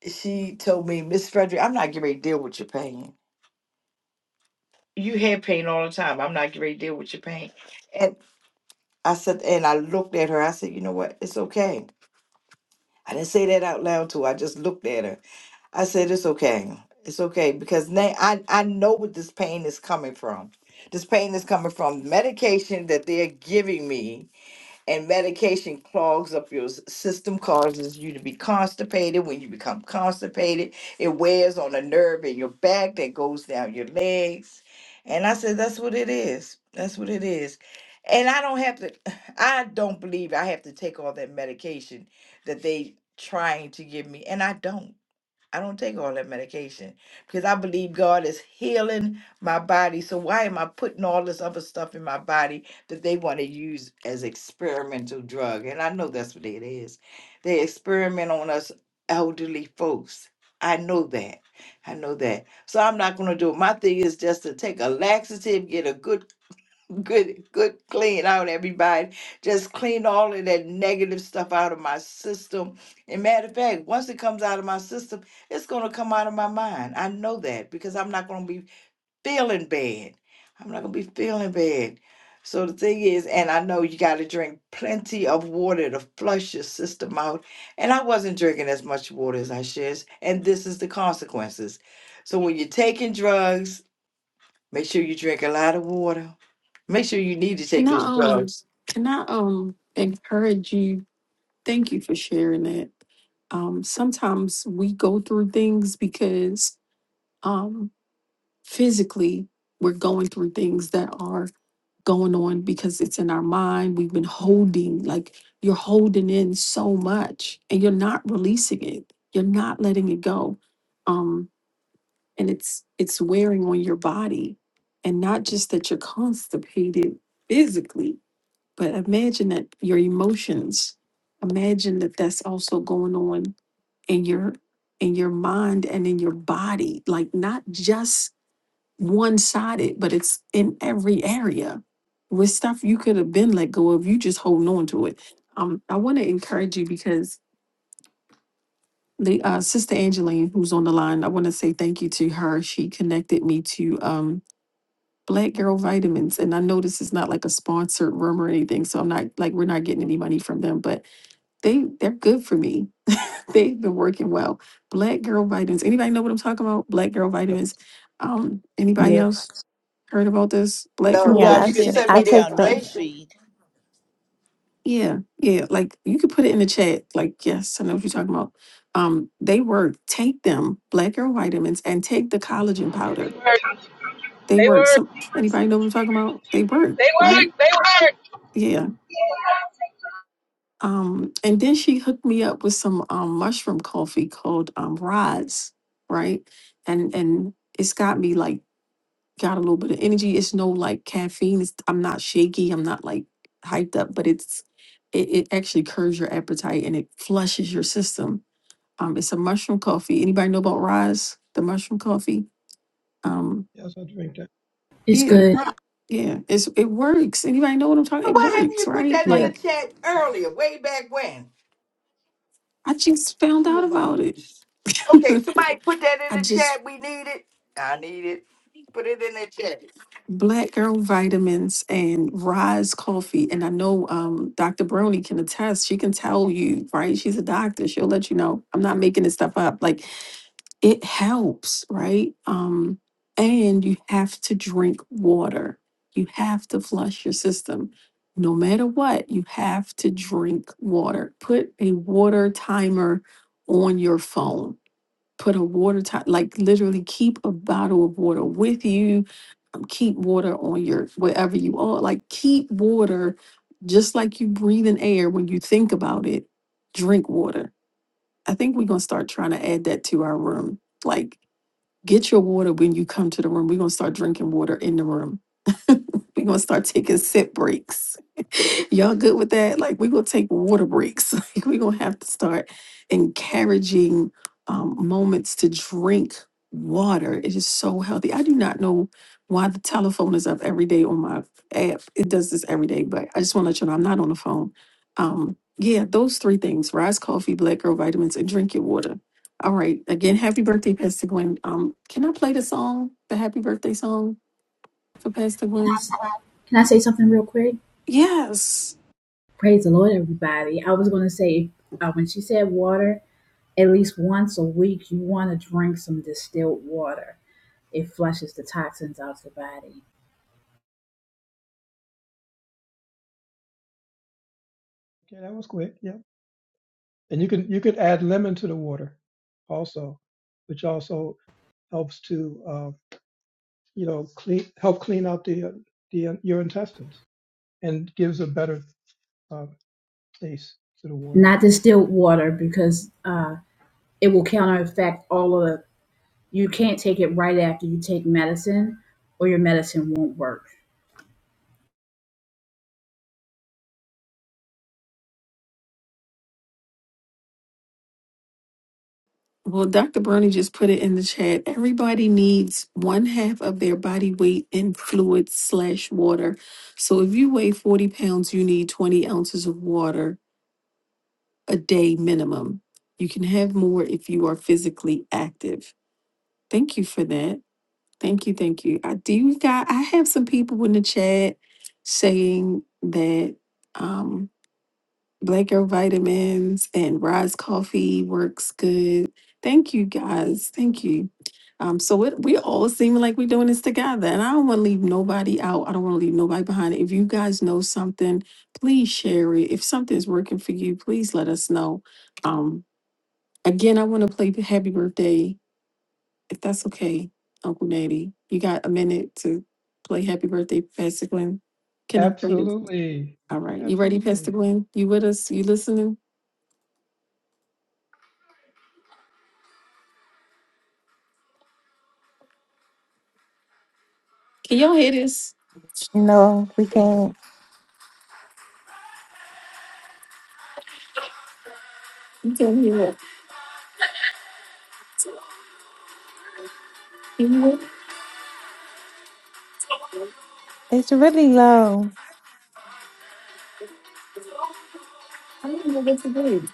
Speaker 9: she told me, Miss Frederick, I'm not getting ready to deal with your pain. You had pain all the time. I'm not getting ready to deal with your pain. And I said, and I looked at her. I said, you know what? It's okay. I didn't say that out loud to her. I just looked at her. I said, it's okay. It's okay because now I, I know what this pain is coming from. This pain is coming from medication that they're giving me, and medication clogs up your s- system, causes you to be constipated. When you become constipated, it wears on a nerve in your back that goes down your legs. And I said, that's what it is. That's what it is. And I don't have to, *sighs* I don't believe I have to take all that medication that they trying to give me, and I don't. I don't take all that medication because I believe God is healing my body. So why am I putting all this other stuff in my body that they want to use as experimental drug? And I know that's what it is. They experiment on us elderly folks. I know that. I know that. So I'm not going to do it. My thing is just to take a laxative, get a good good good clean out everybody just clean all of that negative stuff out of my system and matter of fact once it comes out of my system it's going to come out of my mind i know that because i'm not going to be feeling bad i'm not going to be feeling bad so the thing is and i know you got to drink plenty of water to flush your system out and i wasn't drinking as much water as i should and this is the consequences so when you're taking drugs make sure you drink a lot of water Make sure you need to
Speaker 5: Can
Speaker 9: take
Speaker 5: I
Speaker 9: those
Speaker 5: um
Speaker 9: drugs.
Speaker 5: can I um encourage you? Thank you for sharing that. Um sometimes we go through things because um physically we're going through things that are going on because it's in our mind we've been holding like you're holding in so much and you're not releasing it you're not letting it go um and it's it's wearing on your body and not just that you're constipated physically but imagine that your emotions imagine that that's also going on in your in your mind and in your body like not just one sided, but it's in every area with stuff you could have been let go of. You just holding on to it. Um, I want to encourage you because the uh, sister Angeline, who's on the line, I want to say thank you to her. She connected me to um Black Girl Vitamins, and I know this is not like a sponsored room or anything, so I'm not like we're not getting any money from them, but they they're good for me. *laughs* They've been working well. Black Girl Vitamins. Anybody know what I'm talking about? Black Girl
Speaker 7: Yes,
Speaker 5: Vitamins. Um, anybody
Speaker 16: Yes,
Speaker 5: else? heard about this black girl
Speaker 9: No,
Speaker 2: You
Speaker 15: Yeah,
Speaker 9: but
Speaker 2: have
Speaker 15: I,
Speaker 9: you
Speaker 5: writing.
Speaker 9: can
Speaker 2: seen
Speaker 15: t-
Speaker 2: it
Speaker 9: send
Speaker 15: I
Speaker 9: me
Speaker 2: come
Speaker 9: the
Speaker 15: take
Speaker 2: down
Speaker 15: the
Speaker 9: information.
Speaker 2: newsfeed.
Speaker 5: Yeah, yeah. Like you could put it in the chat. Like, yes, I know what you're talking about. Um, they work. Take them, black girl vitamins, and take the collagen
Speaker 10: They
Speaker 5: powder.
Speaker 10: work.
Speaker 5: They
Speaker 10: They
Speaker 5: work.
Speaker 10: work.
Speaker 5: Some anybody know what I'm talking about? They work,
Speaker 10: They
Speaker 5: right?
Speaker 10: work. They work.
Speaker 5: Yeah. Um, and then she hooked me up with some um mushroom coffee called um Rods, right? And and it's got me like got a little bit of energy. It's no like caffeine. It's, I'm not shaky. I'm not like hyped up, but it's it, it actually curbs your appetite and it flushes your system. Um, it's a mushroom coffee. Anybody know about Rise, the mushroom coffee? Um,
Speaker 7: yes, I drink that.
Speaker 14: It's
Speaker 5: yeah,
Speaker 14: good.
Speaker 5: yeah. It's it works. Anybody know what I'm talking?
Speaker 9: But
Speaker 5: It
Speaker 9: why haven't
Speaker 5: works,
Speaker 9: you put
Speaker 5: right?
Speaker 9: that in
Speaker 16: yes.
Speaker 9: the
Speaker 5: Like
Speaker 9: chat earlier, way back when?
Speaker 5: I just found out
Speaker 9: Oh my
Speaker 5: about it.
Speaker 9: goodness. Okay,
Speaker 5: *laughs*
Speaker 9: somebody put that
Speaker 5: I
Speaker 9: in the
Speaker 5: just
Speaker 9: chat. We need it. I need it. Put it in the chat.
Speaker 5: Black Girl Vitamins and Rise Coffee. And I know um, Dr. Brony can attest. She can tell you, right? She's a doctor. She'll let you know. I'm not making this stuff up. Like it helps, right? Um, and you have to drink water. You have to flush your system. No matter what, you have to drink water. Put a water timer on your phone put a water top, like literally keep a bottle of water with you. um, Keep water on your wherever you are. Like keep water, just like you breathe in air. When you think about it, drink water. I think we're gonna start trying to add that to our room. Like Get your water when you come to the room. We're going to start drinking water in the room. *laughs* we're going to start taking sip breaks. *laughs* Y'all good with that? Like, we're going to take water breaks. *laughs* Like, we're going to have to start encouraging um, moments to drink water. It is so healthy. I do not know why the telephone is up every day on my app. It does this every day, but I just want to let you know I'm not on the phone. Um, yeah, those three things: rice, coffee, black girl vitamins, and drink your water. All right. Again, happy birthday, Pastor Gwen. Um, can I play the song, the happy birthday song for Pastor Gwen?
Speaker 14: Can I say something real quick?
Speaker 5: Yes.
Speaker 14: Praise the Lord, everybody. I was going to say, uh, when she said water, at least once a week, you want to drink some distilled water. It flushes the toxins out of the body.
Speaker 7: Okay, that was quick. Yeah, And you can you could add lemon to the water, also, which also helps to uh, you know clean help clean out the uh, the uh, your intestines and gives a better uh, taste to the water.
Speaker 14: Not distilled water because uh, it will counter effect all of the. You can't take it right after you take medicine, or your medicine won't work.
Speaker 5: Well, Dr. Bernie just put it in the chat. Everybody needs one half of their body weight in fluid slash water. So if you weigh 40 pounds, you need 20 ounces of water a day minimum. You can have more if you are physically active. Thank you for that. Thank you, thank you. I do got I have some people in the chat saying that um Black Girl Vitamins and Rise Coffee works good. Thank you guys. Thank you. Um, so it, we all seem like we're doing this together, and I don't want to leave nobody out. I don't want to leave nobody behind. If you guys know something, please share it. If something's working for you, please let us know. Um, again, I want to play Happy Birthday if that's okay, Uncle Natty. You got a minute to play Happy Birthday, Pastor Glenn. Can I play this?
Speaker 7: Absolutely,
Speaker 5: All right. You ready, Pastor
Speaker 7: absolutely.
Speaker 5: Glenn? You with us? You listening? Can y'all hear this?
Speaker 15: no. We can't.
Speaker 5: You tell me what. Can you hear?
Speaker 15: It's really low.
Speaker 5: I don't know what to do.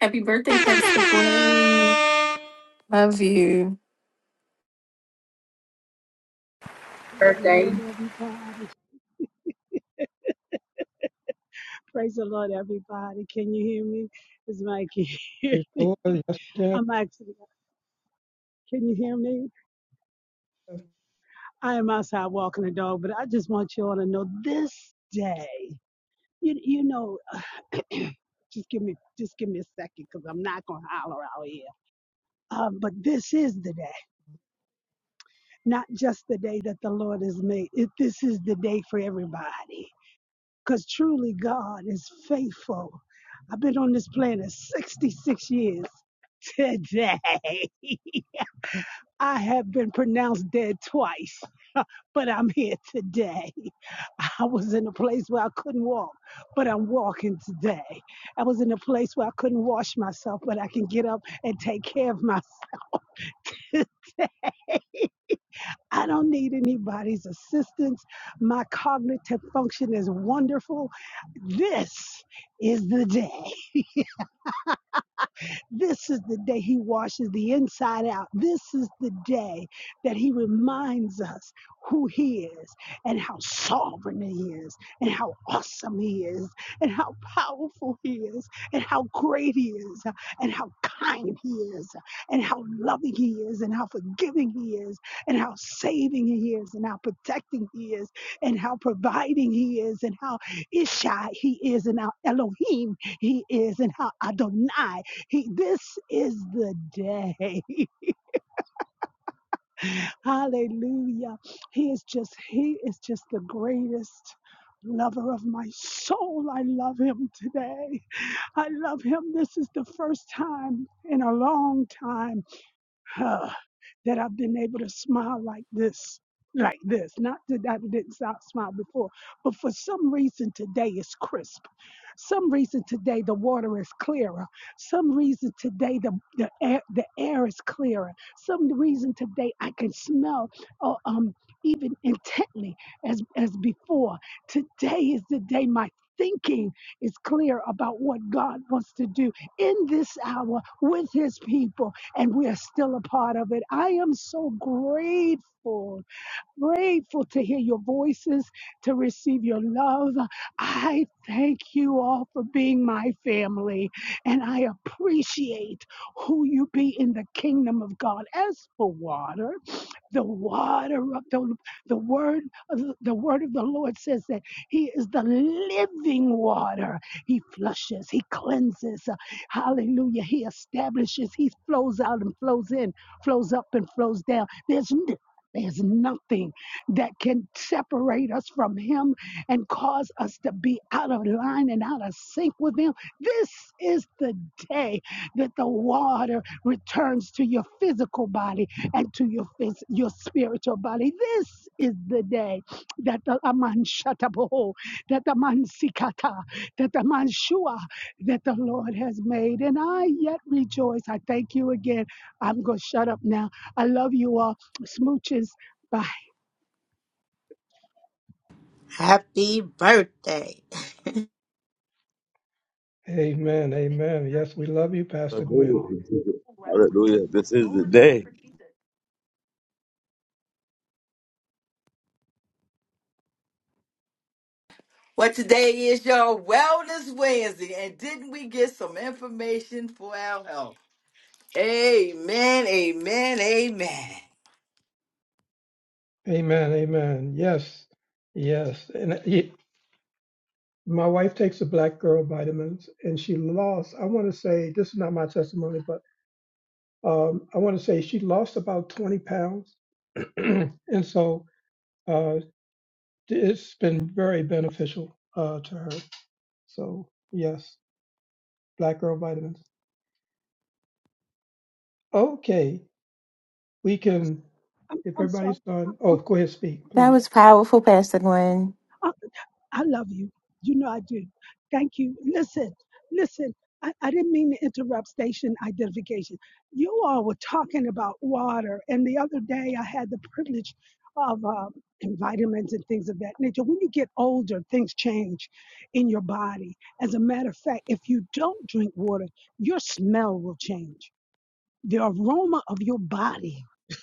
Speaker 5: Happy birthday, Pastor Glenn. Love you.
Speaker 17: Praise the
Speaker 14: Birthday,
Speaker 17: Lord, everybody. Praise the Lord, everybody. Can you hear me? It's Mikey. here?
Speaker 7: Praise the Lord. Yes,
Speaker 17: *laughs*
Speaker 7: yes.
Speaker 17: I'm actually, can you hear me? I am outside walking the dog, but I just want you all to know this day, you, you know, *clears throat* just give me, just give me a second because I'm not going to holler out here. Um, but this is the day, not just the day that the Lord has made. It, this is the day for everybody because truly God is faithful. I've been on this planet 66 years today. *laughs* I have been pronounced dead twice, but I'm here today. I was in a place where I couldn't walk, but I'm walking today. I was in a place where I couldn't wash myself, but I can get up and take care of myself. *laughs* today. I don't need anybody's assistance. My cognitive function is wonderful. This is the day. This is the day He washes the inside out. This is the day that He reminds us who He is and how sovereign He is and how awesome He is and how powerful He is and how great He is and how kind He is and how loving He is and how forgiving He is and how saving He is and how protecting He is and how providing He is and how Ishai He is and how Elohim He is and how Adonai he, this is the day. *laughs* Hallelujah. He is just, he is just the greatest lover of my soul. I love him today. I love him. This is the first time in a long time huh, that I've been able to smile like this, like this. Not that I didn't stop smile before, but for some reason today it's crisp. Some reason today the water is clearer. Some reason today the, the air the air is clearer. Some reason today I can smell uh, um even intently as as before. Today is the day my thinking is clear about what God wants to do in this hour with his people and we are still a part of it. I am so grateful grateful to hear your voices, to receive your love. I thank you all for being my family, and I appreciate who you be in the kingdom of God. As for water, the water of the, the word of the the word of the Lord says that He is the living water. He flushes, He cleanses. Hallelujah. He establishes, He flows out and flows in, flows up and flows down. There's there's nothing that can separate us from Him and cause us to be out of line and out of sync with Him. This is the day that the water returns to your physiccal body and to your phys- your spiritual body. This is the day that the aman shataboho, that the man sikata, that the man shua, that the Lord has made, and I yet rejoice. I thank you again. I'm gonna shut up now. I love you all. Smooches. Bye.
Speaker 4: Happy birthday. *laughs*
Speaker 7: Amen. Amen. Yes, we love you, Pastor Gwen.
Speaker 3: Hallelujah. This is the day.
Speaker 9: Well, today is your Wellness Wednesday, and didn't we get some information for our health? Amen, amen, amen.
Speaker 7: Amen. Amen. Yes. Yes. And My wife takes the black girl vitamins and she lost, I want to say, this is not my testimony, but um, I want to say she lost about 20 pounds. *clears throat* and so uh, it's been very beneficial uh, to her. So, yes, black girl vitamins. Okay, we can,
Speaker 17: I'm,
Speaker 7: if
Speaker 17: I'm, sorry.
Speaker 7: everybody's
Speaker 17: I'm
Speaker 7: done, oh, go ahead, speak,
Speaker 15: That
Speaker 7: please.
Speaker 15: was powerful, Pastor Gwen.
Speaker 17: sorry. I love you. You know I do. Thank you. Listen, listen. I, I didn't mean to interrupt station identification. You all were talking about water, and the other day I had the privilege of um, and vitamins and things of that nature. When you get older, things change in your body. As a matter of fact, if you don't drink water, your smell will change. The aroma of your body *laughs*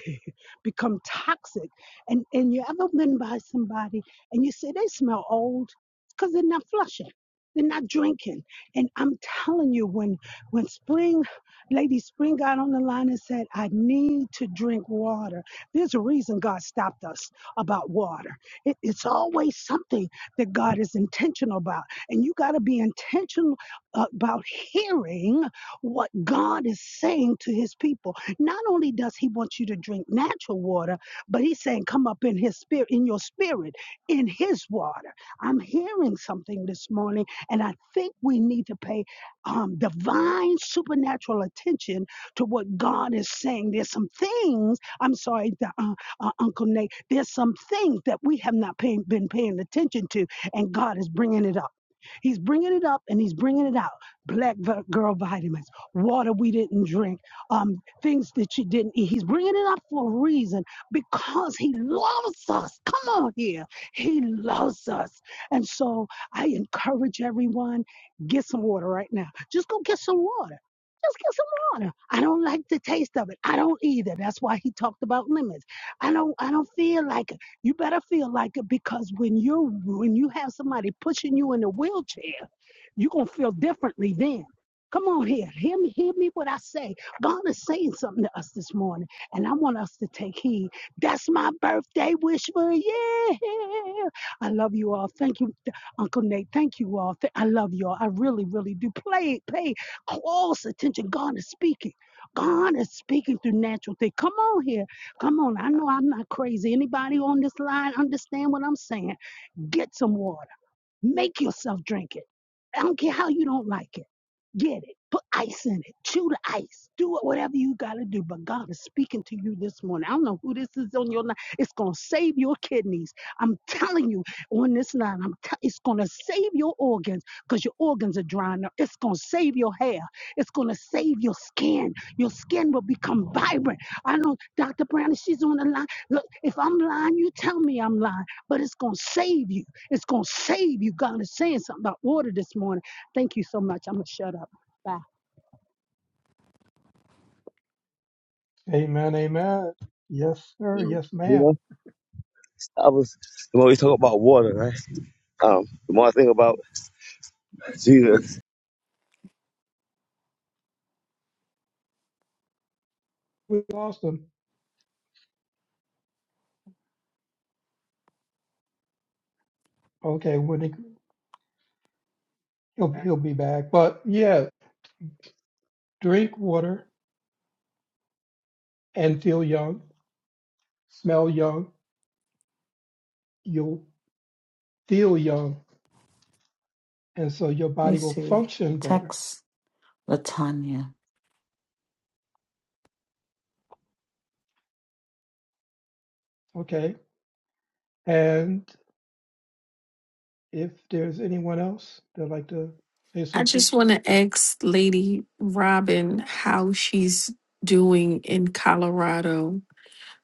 Speaker 17: *laughs* become toxic. And and you ever been by somebody and you say they smell old because they're not flushing. They're not drinking. And I'm telling you, when when spring, Lady Spring got on the line and said, I need to drink water. There's a reason God stopped us about water. It, it's always something that God is intentional about. And you got to be intentional about hearing what God is saying to his people like, Not only does he want you to drink natural water, but he's saying, come up in his spirit, in your spirit, in his water. I'm hearing something this morning, and I think we need to pay um, divine supernatural attention to what God is saying. There's some things, I'm sorry, the, uh, uh, Uncle Nate, there's some things that we have not paying, been paying attention to, and God is bringing it up. He's bringing it up and he's bringing it out. Black girl vitamins, water we didn't drink, um, things that you didn't eat. He's bringing it up for a reason because He loves us. Come on here. He loves us. And so I encourage everyone get some water right now. Just go get some water. Just get some water. I don't like the taste of it. I don't either. That's why he talked about lemons. I don't I don't feel like it. You better feel like it because when you're when you have somebody pushing you in a wheelchair, you're gonna feel differently then. Come on here. Hear me, hear me what I say God is saying something to us this morning, and I want us to take heed. That's my birthday wish for you. Yeah. I love you all. Thank you, Th- Uncle Nate. Thank you all. Th- I love you all. I really, really do. Play, pay close attention. God is speaking. God is speaking through natural things. Come on here. Come on. I know I'm not crazy. Anybody on this line understand what I'm saying? Get some water. Make yourself drink it. I don't care how you don't like it. Get it. Put ice in it. Chew the ice. Do it, whatever you got to do. But God is speaking to you this morning. I don't know who this is on your line. It's going to save your kidneys. I'm telling you on this line, I'm tell it's going to save your organs because your organs are drying up. It's going to save your hair. It's going to save your skin. Your skin will become vibrant. I know Dr. Brown, she's on the line. Look, if I'm lying, you tell me I'm lying, but it's going to save you. It's going to save you. God is saying something about water this morning. Thank you so much. I'm going to shut up. Bye.
Speaker 7: Amen, amen. Yes, sir.
Speaker 3: You
Speaker 7: Yes, ma'am.
Speaker 3: know, I was the more we talk about water, right? Um, the more I think about Jesus.
Speaker 7: We lost him. Okay, when he, he'll he'll be back. But yeah, drink water. and feel young, smell young, you'll feel young. And so your
Speaker 1: Hey,
Speaker 7: body will
Speaker 1: Siri.
Speaker 7: function better.
Speaker 1: Text. Latanya
Speaker 7: Okay. And if there's anyone else that'd like to say
Speaker 5: I
Speaker 7: something,
Speaker 5: just want to ask Lady Robin how she's doing in Colorado.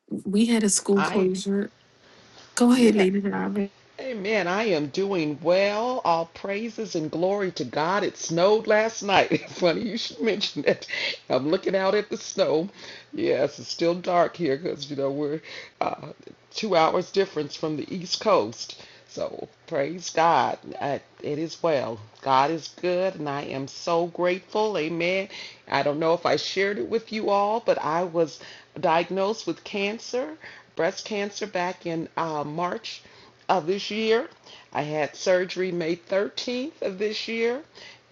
Speaker 5: We had a school
Speaker 18: I,
Speaker 5: closure. Go ahead,
Speaker 18: yeah,
Speaker 5: Lady Robin.
Speaker 18: Amen. I am doing well. All praises and glory to God. It snowed last night. *laughs* Funny you should mention that. I'm looking out at the snow. Yes, it's still dark here because, you know, we're uh, two hours difference from the East Coast. So praise God. Uh, it is well. God is good, and I am so grateful. Amen. I don't know if I shared it with you all, but I was diagnosed with cancer, breast cancer, back in uh, March of this year. I had surgery May 13th of this year.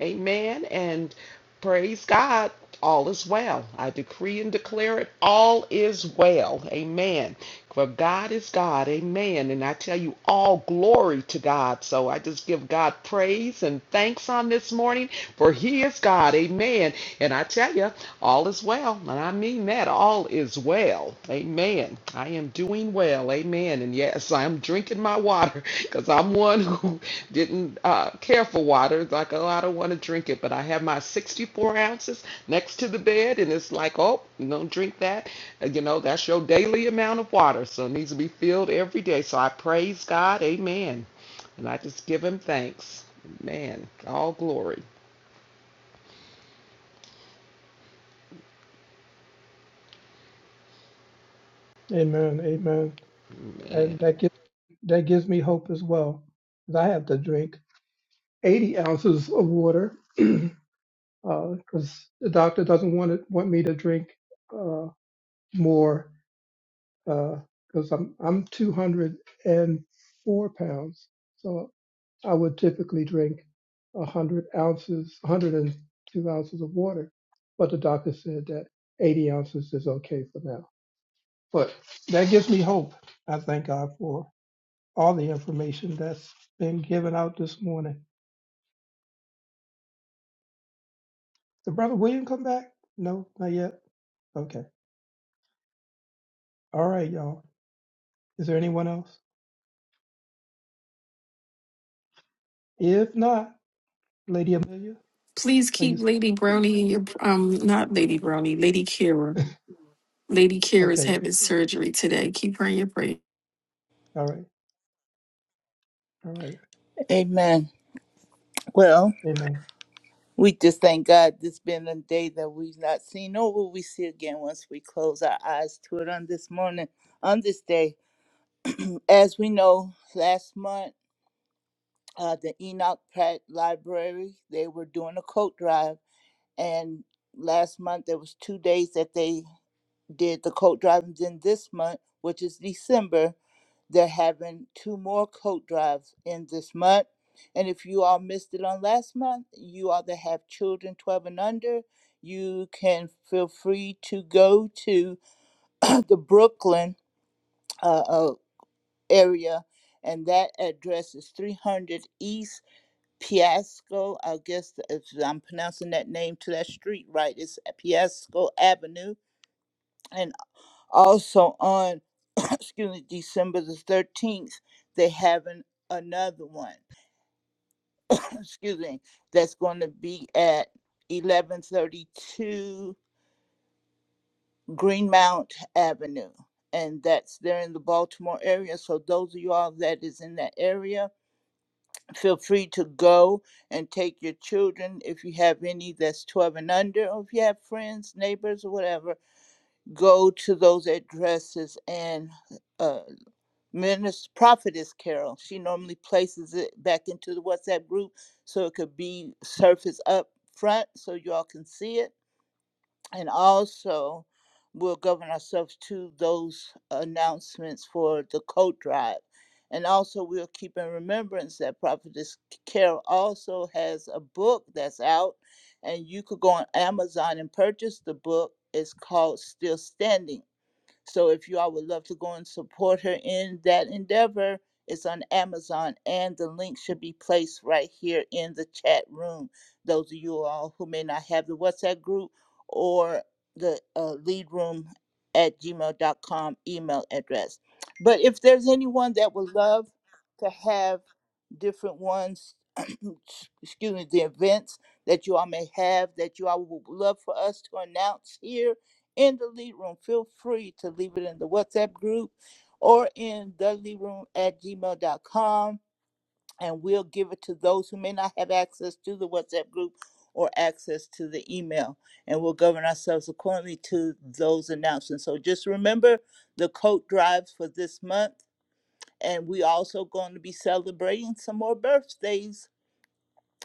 Speaker 18: Amen. And praise God, all is well. I decree and declare it, all is well. Amen. For God is God. Amen. And I tell you, all glory to God. So I just give God praise and thanks on this morning, for He is God. Amen. And I tell you, all is well, and I mean that. All is well. Amen. I am doing well. Amen. And yes, I'm drinking my water *laughs* because I'm one who *laughs* didn't uh, care for water. It's like, oh, I don't want to drink it. But I have my 64 ounces next to the bed, and it's like, oh, you don't drink that. Uh, You know, that's your daily amount of water. So it needs to be filled every day. So I praise God. Amen. And I just give him thanks. man. All glory.
Speaker 7: amen, amen.
Speaker 18: man.
Speaker 7: And that gives, that gives me hope as well. 'cause I have to drink 80 ounces of water *clears throat* because the doctor doesn't want it, want me to drink uh, more because I'm I'm 204 pounds. So I would typically drink 100 ounces, 102 ounces of water, but the doctor said that 80 ounces is okay for now. But that gives me hope. I thank God for all the information that's been given out this morning. Did Brother William come back? No, not yet. Okay. All right, y'all. Is there anyone else? If not, Lady Amelia,
Speaker 5: Please
Speaker 7: are you
Speaker 5: keep Lady Brony, um, not Lady Brony, Lady Kira. Lady Kira is
Speaker 7: okay?
Speaker 5: having surgery today. Keep her in your prayer.
Speaker 7: All right. All right.
Speaker 2: Amen. Well,
Speaker 7: Amen.
Speaker 2: We just thank God this been a day that we've not seen, nor will we see again once we close our eyes to it on this morning, on this day. As we know, last month, uh, the Enoch Pratt Library, they were doing a coat drive. And last month, there was two days that they did the coat drive. And then this month, which is December, they're having two more coat drives in this month. And if you all missed it on last month, you all that have children 12 and under, you can feel free to go to *clears throat* the Brooklyn uh, uh, area. And that address is 300 East Piasco. I guess if I'm pronouncing that name to that street right, it's Piasco Avenue. and Also on *coughs* *clears throat* excuse me, December the thirteenth, they having another one. *coughs* *clears throat* excuse me, that's going to be at eleven thirty-two Greenmount Avenue, and that's there in the Baltimore area. So those of you all that is in that area, feel free to go and take your children if you have any that's twelve and under, or if you have friends, neighbors, or whatever. Go to those addresses and. uh, Minister Prophetess Carol. She normally places it back into the WhatsApp group so it could be surfaced up front so y'all can see it. And also, we'll govern ourselves to those announcements for the coat drive. And also, we'll keep in remembrance that Prophetess Carol also has a book that's out, and you could go on Amazon and purchase the book. It's called Still Standing so if you all would love to go and support her in that endeavor, it's on Amazon and the link should be placed right here in the chat room. Those of you all who may not have the WhatsApp group or the uh, lead room at gmail.com email address. But if there's anyone that would love to have different ones, *clears throat* excuse me, the events that you all may have that you all would love for us to announce here in the lead room, feel free to leave it in the WhatsApp group or in the lead room at gmail.com and we'll give it to those who may not have access to the WhatsApp group or access to the email. And we'll govern ourselves accordingly to those announcements. So just remember the coat drives for this month and we also going to be celebrating some more birthdays.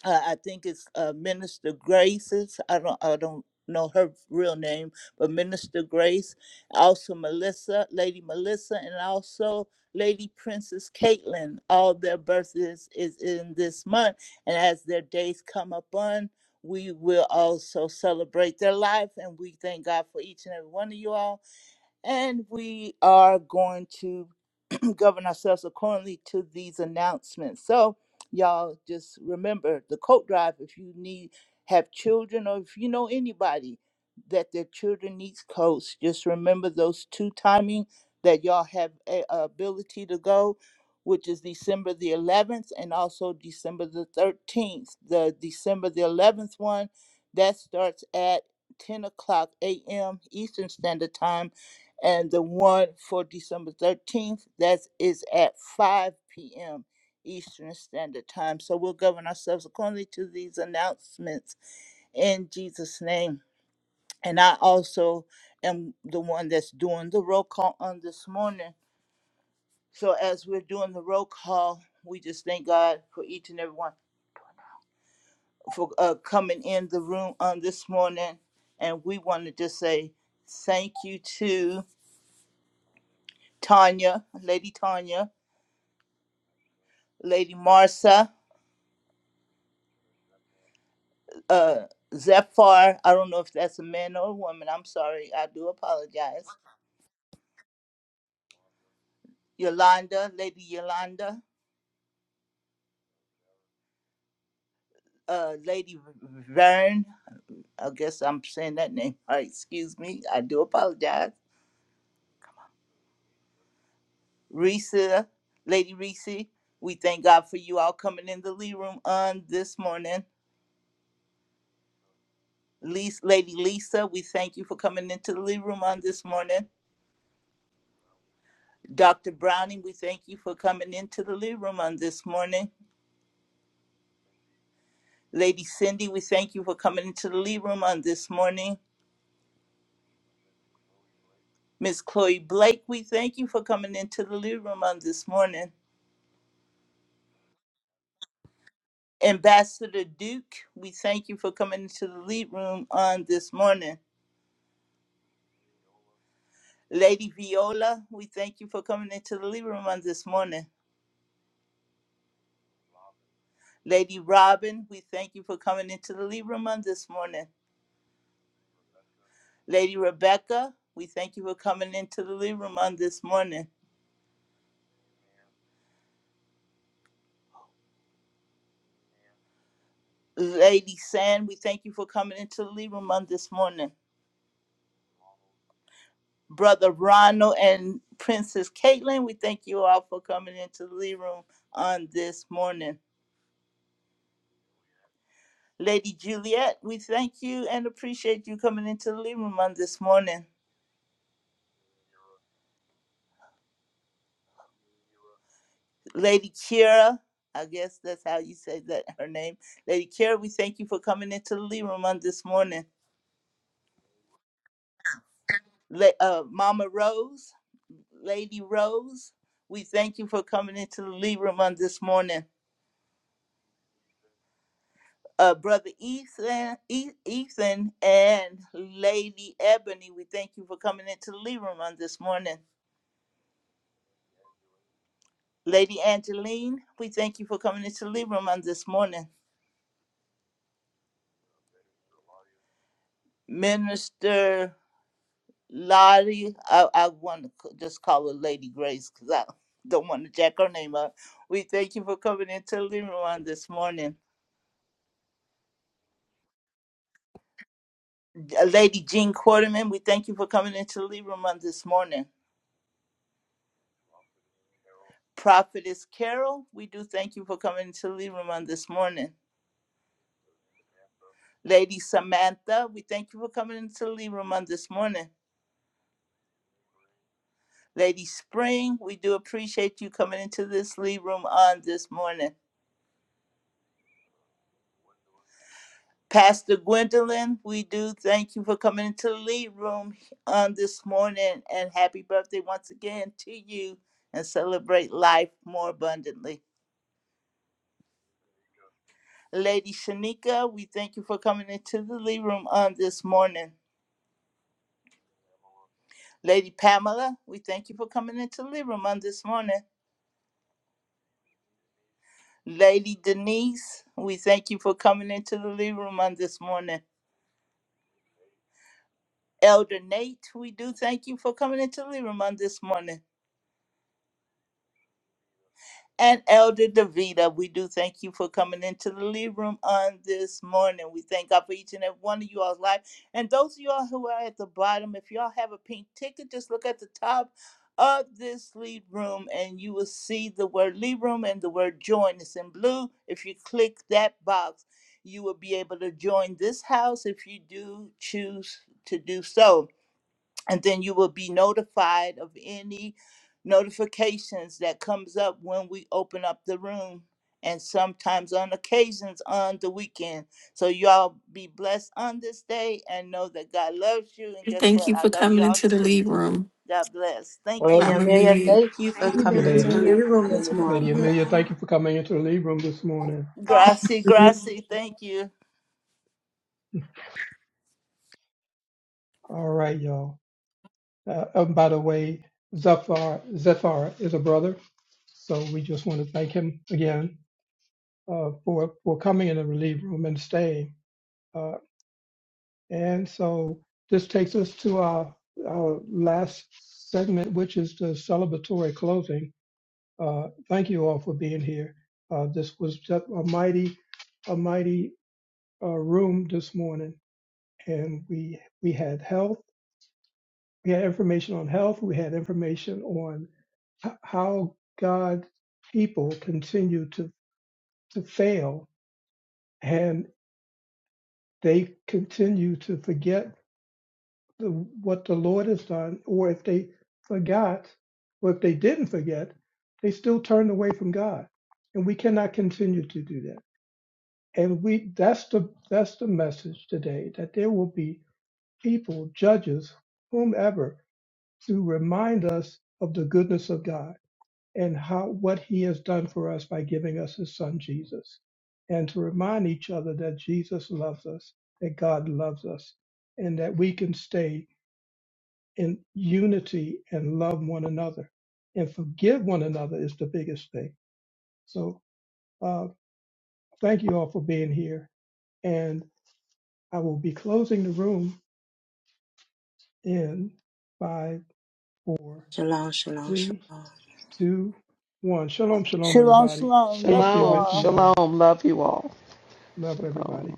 Speaker 2: Uh, I think it's uh, Minister Grace's. I don't. I don't know her real name, but Minister Grace, also Melissa, Lady Melissa, and also Lady Princess Caitlin. All their birthdays is in this month, and as their days come up on. We will also celebrate their life, and we thank God for each and every one of you all. And we are going to *clears throat* govern ourselves accordingly to these announcements. So, y'all just remember the coat drive if you need have children or if you know anybody that their children needs coats, just remember those two timing that y'all have a, a ability to go, which is December the 11th and also December the 13th. The December the 11th one that starts at 10 o'clock a.m. Eastern Standard Time and the one for December 13th, that is at 5 p.m. Eastern Standard Time. So we'll govern ourselves accordingly to these announcements in Jesus' name. And I also am the one that's doing the roll call on this morning. So as we're doing the roll call, we just thank God for each and every one for uh, coming in the room on this morning. And we want to just say thank you to Tanya, Lady Tanya. Lady Marsa, uh, Zephyr. I don't know if that's a man or a woman. I'm sorry. I do apologize. Yolanda, Lady Yolanda, uh, Lady Vern. I guess I'm saying that name. All right, excuse me. I do apologize. Risa, Lady Reese. We thank God for you all coming in the Lee Room on this morning. Lisa, Lady Lisa, we thank you for coming into the Lee Room on this morning. Dr. Browning, we thank you for coming into the Lee Room on this morning. Lady Cindy, we thank you for coming into the lead room on this morning. Miss Chloe Blake, we thank you for coming into the lead room on this morning. Ambassador Duke, we thank you for coming into the lead room on this morning. Lady Viola, we thank you for coming into the lead room on this morning. Lady Robin, we thank you for coming into the lead room on this morning. Lady Rebecca, we thank you for coming into the lead room on this morning. Lady San, we thank you for coming into the lead room on this morning. Brother Ronald and Princess Caitlin. We thank you all for coming into the Lee Room on this morning. Lady Juliet, we thank you and appreciate you coming into the Lee Room on this morning. Lady Kira, I guess that's how you say that her name. Lady Kira, we thank you for coming into the Lee Room on this morning. La- uh, Mama Rose, Lady Rose, we thank you for coming into the Lee Room on this morning. uh, Brother Ethan, E- Ethan and Lady Ebony, we thank you for coming into the living room on this morning. Lady Angeline, we thank you for coming into the living room on this morning. Minister Lottie, I, I want to just call her Lady Grace because I don't want to jack her name up. We thank you for coming into the living room on this morning. Uh, Lady Jean Quarterman, we thank you for coming into the living room on this morning. Prophetess Carol, we do thank you for coming into the living room on this morning. Lady Samantha, we thank you for coming into the lead room on this morning. Lady Spring, we do appreciate you coming into this lead room on this morning. Pastor Gwendolyn, we do thank you for coming into the lead room on this morning and happy birthday once again to you and celebrate life more abundantly. Lady Shanika, we thank you for coming into the lead room on this morning. Lady Pamela, we thank you for coming into the lead room on this morning. Lady Denise, we thank you for coming into the living room on this morning. Elder Nate, we do thank you for coming into the living room on this morning. and Elder Davida. We do thank you for coming into the lead room on this morning. We thank God for each and every one of you all's life. And those of y'all who are at the bottom, if y'all have a pink ticket, just look at the top of this lead room and you will see the word lead room and the word join. It's in blue. If you click that box, you will be able to join this house if you do choose to do so and then you will be notified of any notifications that comes up when we open up the room and sometimes on occasions on the weekend so y'all be blessed on this day and know that god loves you and guess
Speaker 5: Thank
Speaker 2: what
Speaker 5: you
Speaker 2: i
Speaker 5: for
Speaker 2: love
Speaker 5: coming
Speaker 2: y'all
Speaker 5: into the
Speaker 2: too
Speaker 5: lead room.
Speaker 2: god bless thank
Speaker 4: Lady
Speaker 2: you
Speaker 4: Amelia,
Speaker 5: I'm
Speaker 4: thank you for
Speaker 19: Thank you,
Speaker 4: coming
Speaker 19: Baby
Speaker 4: into the
Speaker 7: Lady,
Speaker 19: Amelia,
Speaker 4: lead
Speaker 19: for
Speaker 4: room
Speaker 19: coming to
Speaker 4: this
Speaker 19: the
Speaker 7: Lady
Speaker 19: room.
Speaker 4: morning.
Speaker 7: Amelia, thank you for coming into the lead room this morning.
Speaker 2: gracie gracie thank you
Speaker 7: All right, y'all. Uh, and by the way, Zephyr Zephyr is a brother, so we just want to thank him again uh, for for coming in the relief room and staying. Uh, and so this takes us to our our last segment, which is the celebratory closing. Uh, thank you all for being here. Uh, this was just a mighty a mighty uh, room this morning, and we we had health. We had information on health. We had information on h- how God's people continue to, to fail and they continue to forget the, what the Lord has done, or if they forgot, or if they didn't forget, they still turned away from God. And we cannot continue to do that. And we that's the that's the message today that there will be people, judges, whomever, to remind us of the goodness of God and how what he has done for us by giving us his son Jesus and to remind each other that Jesus loves us that God loves us and that we can stay in unity and love one another and forgive one another is the biggest thing so uh, thank you all for being here and I will be closing the room in five four
Speaker 4: Shalom, shalom,
Speaker 7: three
Speaker 4: shalom.
Speaker 7: two one shalom shalom
Speaker 2: shalom
Speaker 7: everybody
Speaker 2: shalom
Speaker 7: peace
Speaker 2: love
Speaker 7: be
Speaker 2: you
Speaker 18: Shalom.
Speaker 7: with you
Speaker 2: all
Speaker 18: Shalom.
Speaker 7: all
Speaker 18: Love you all.
Speaker 7: love everybody
Speaker 18: Shalom.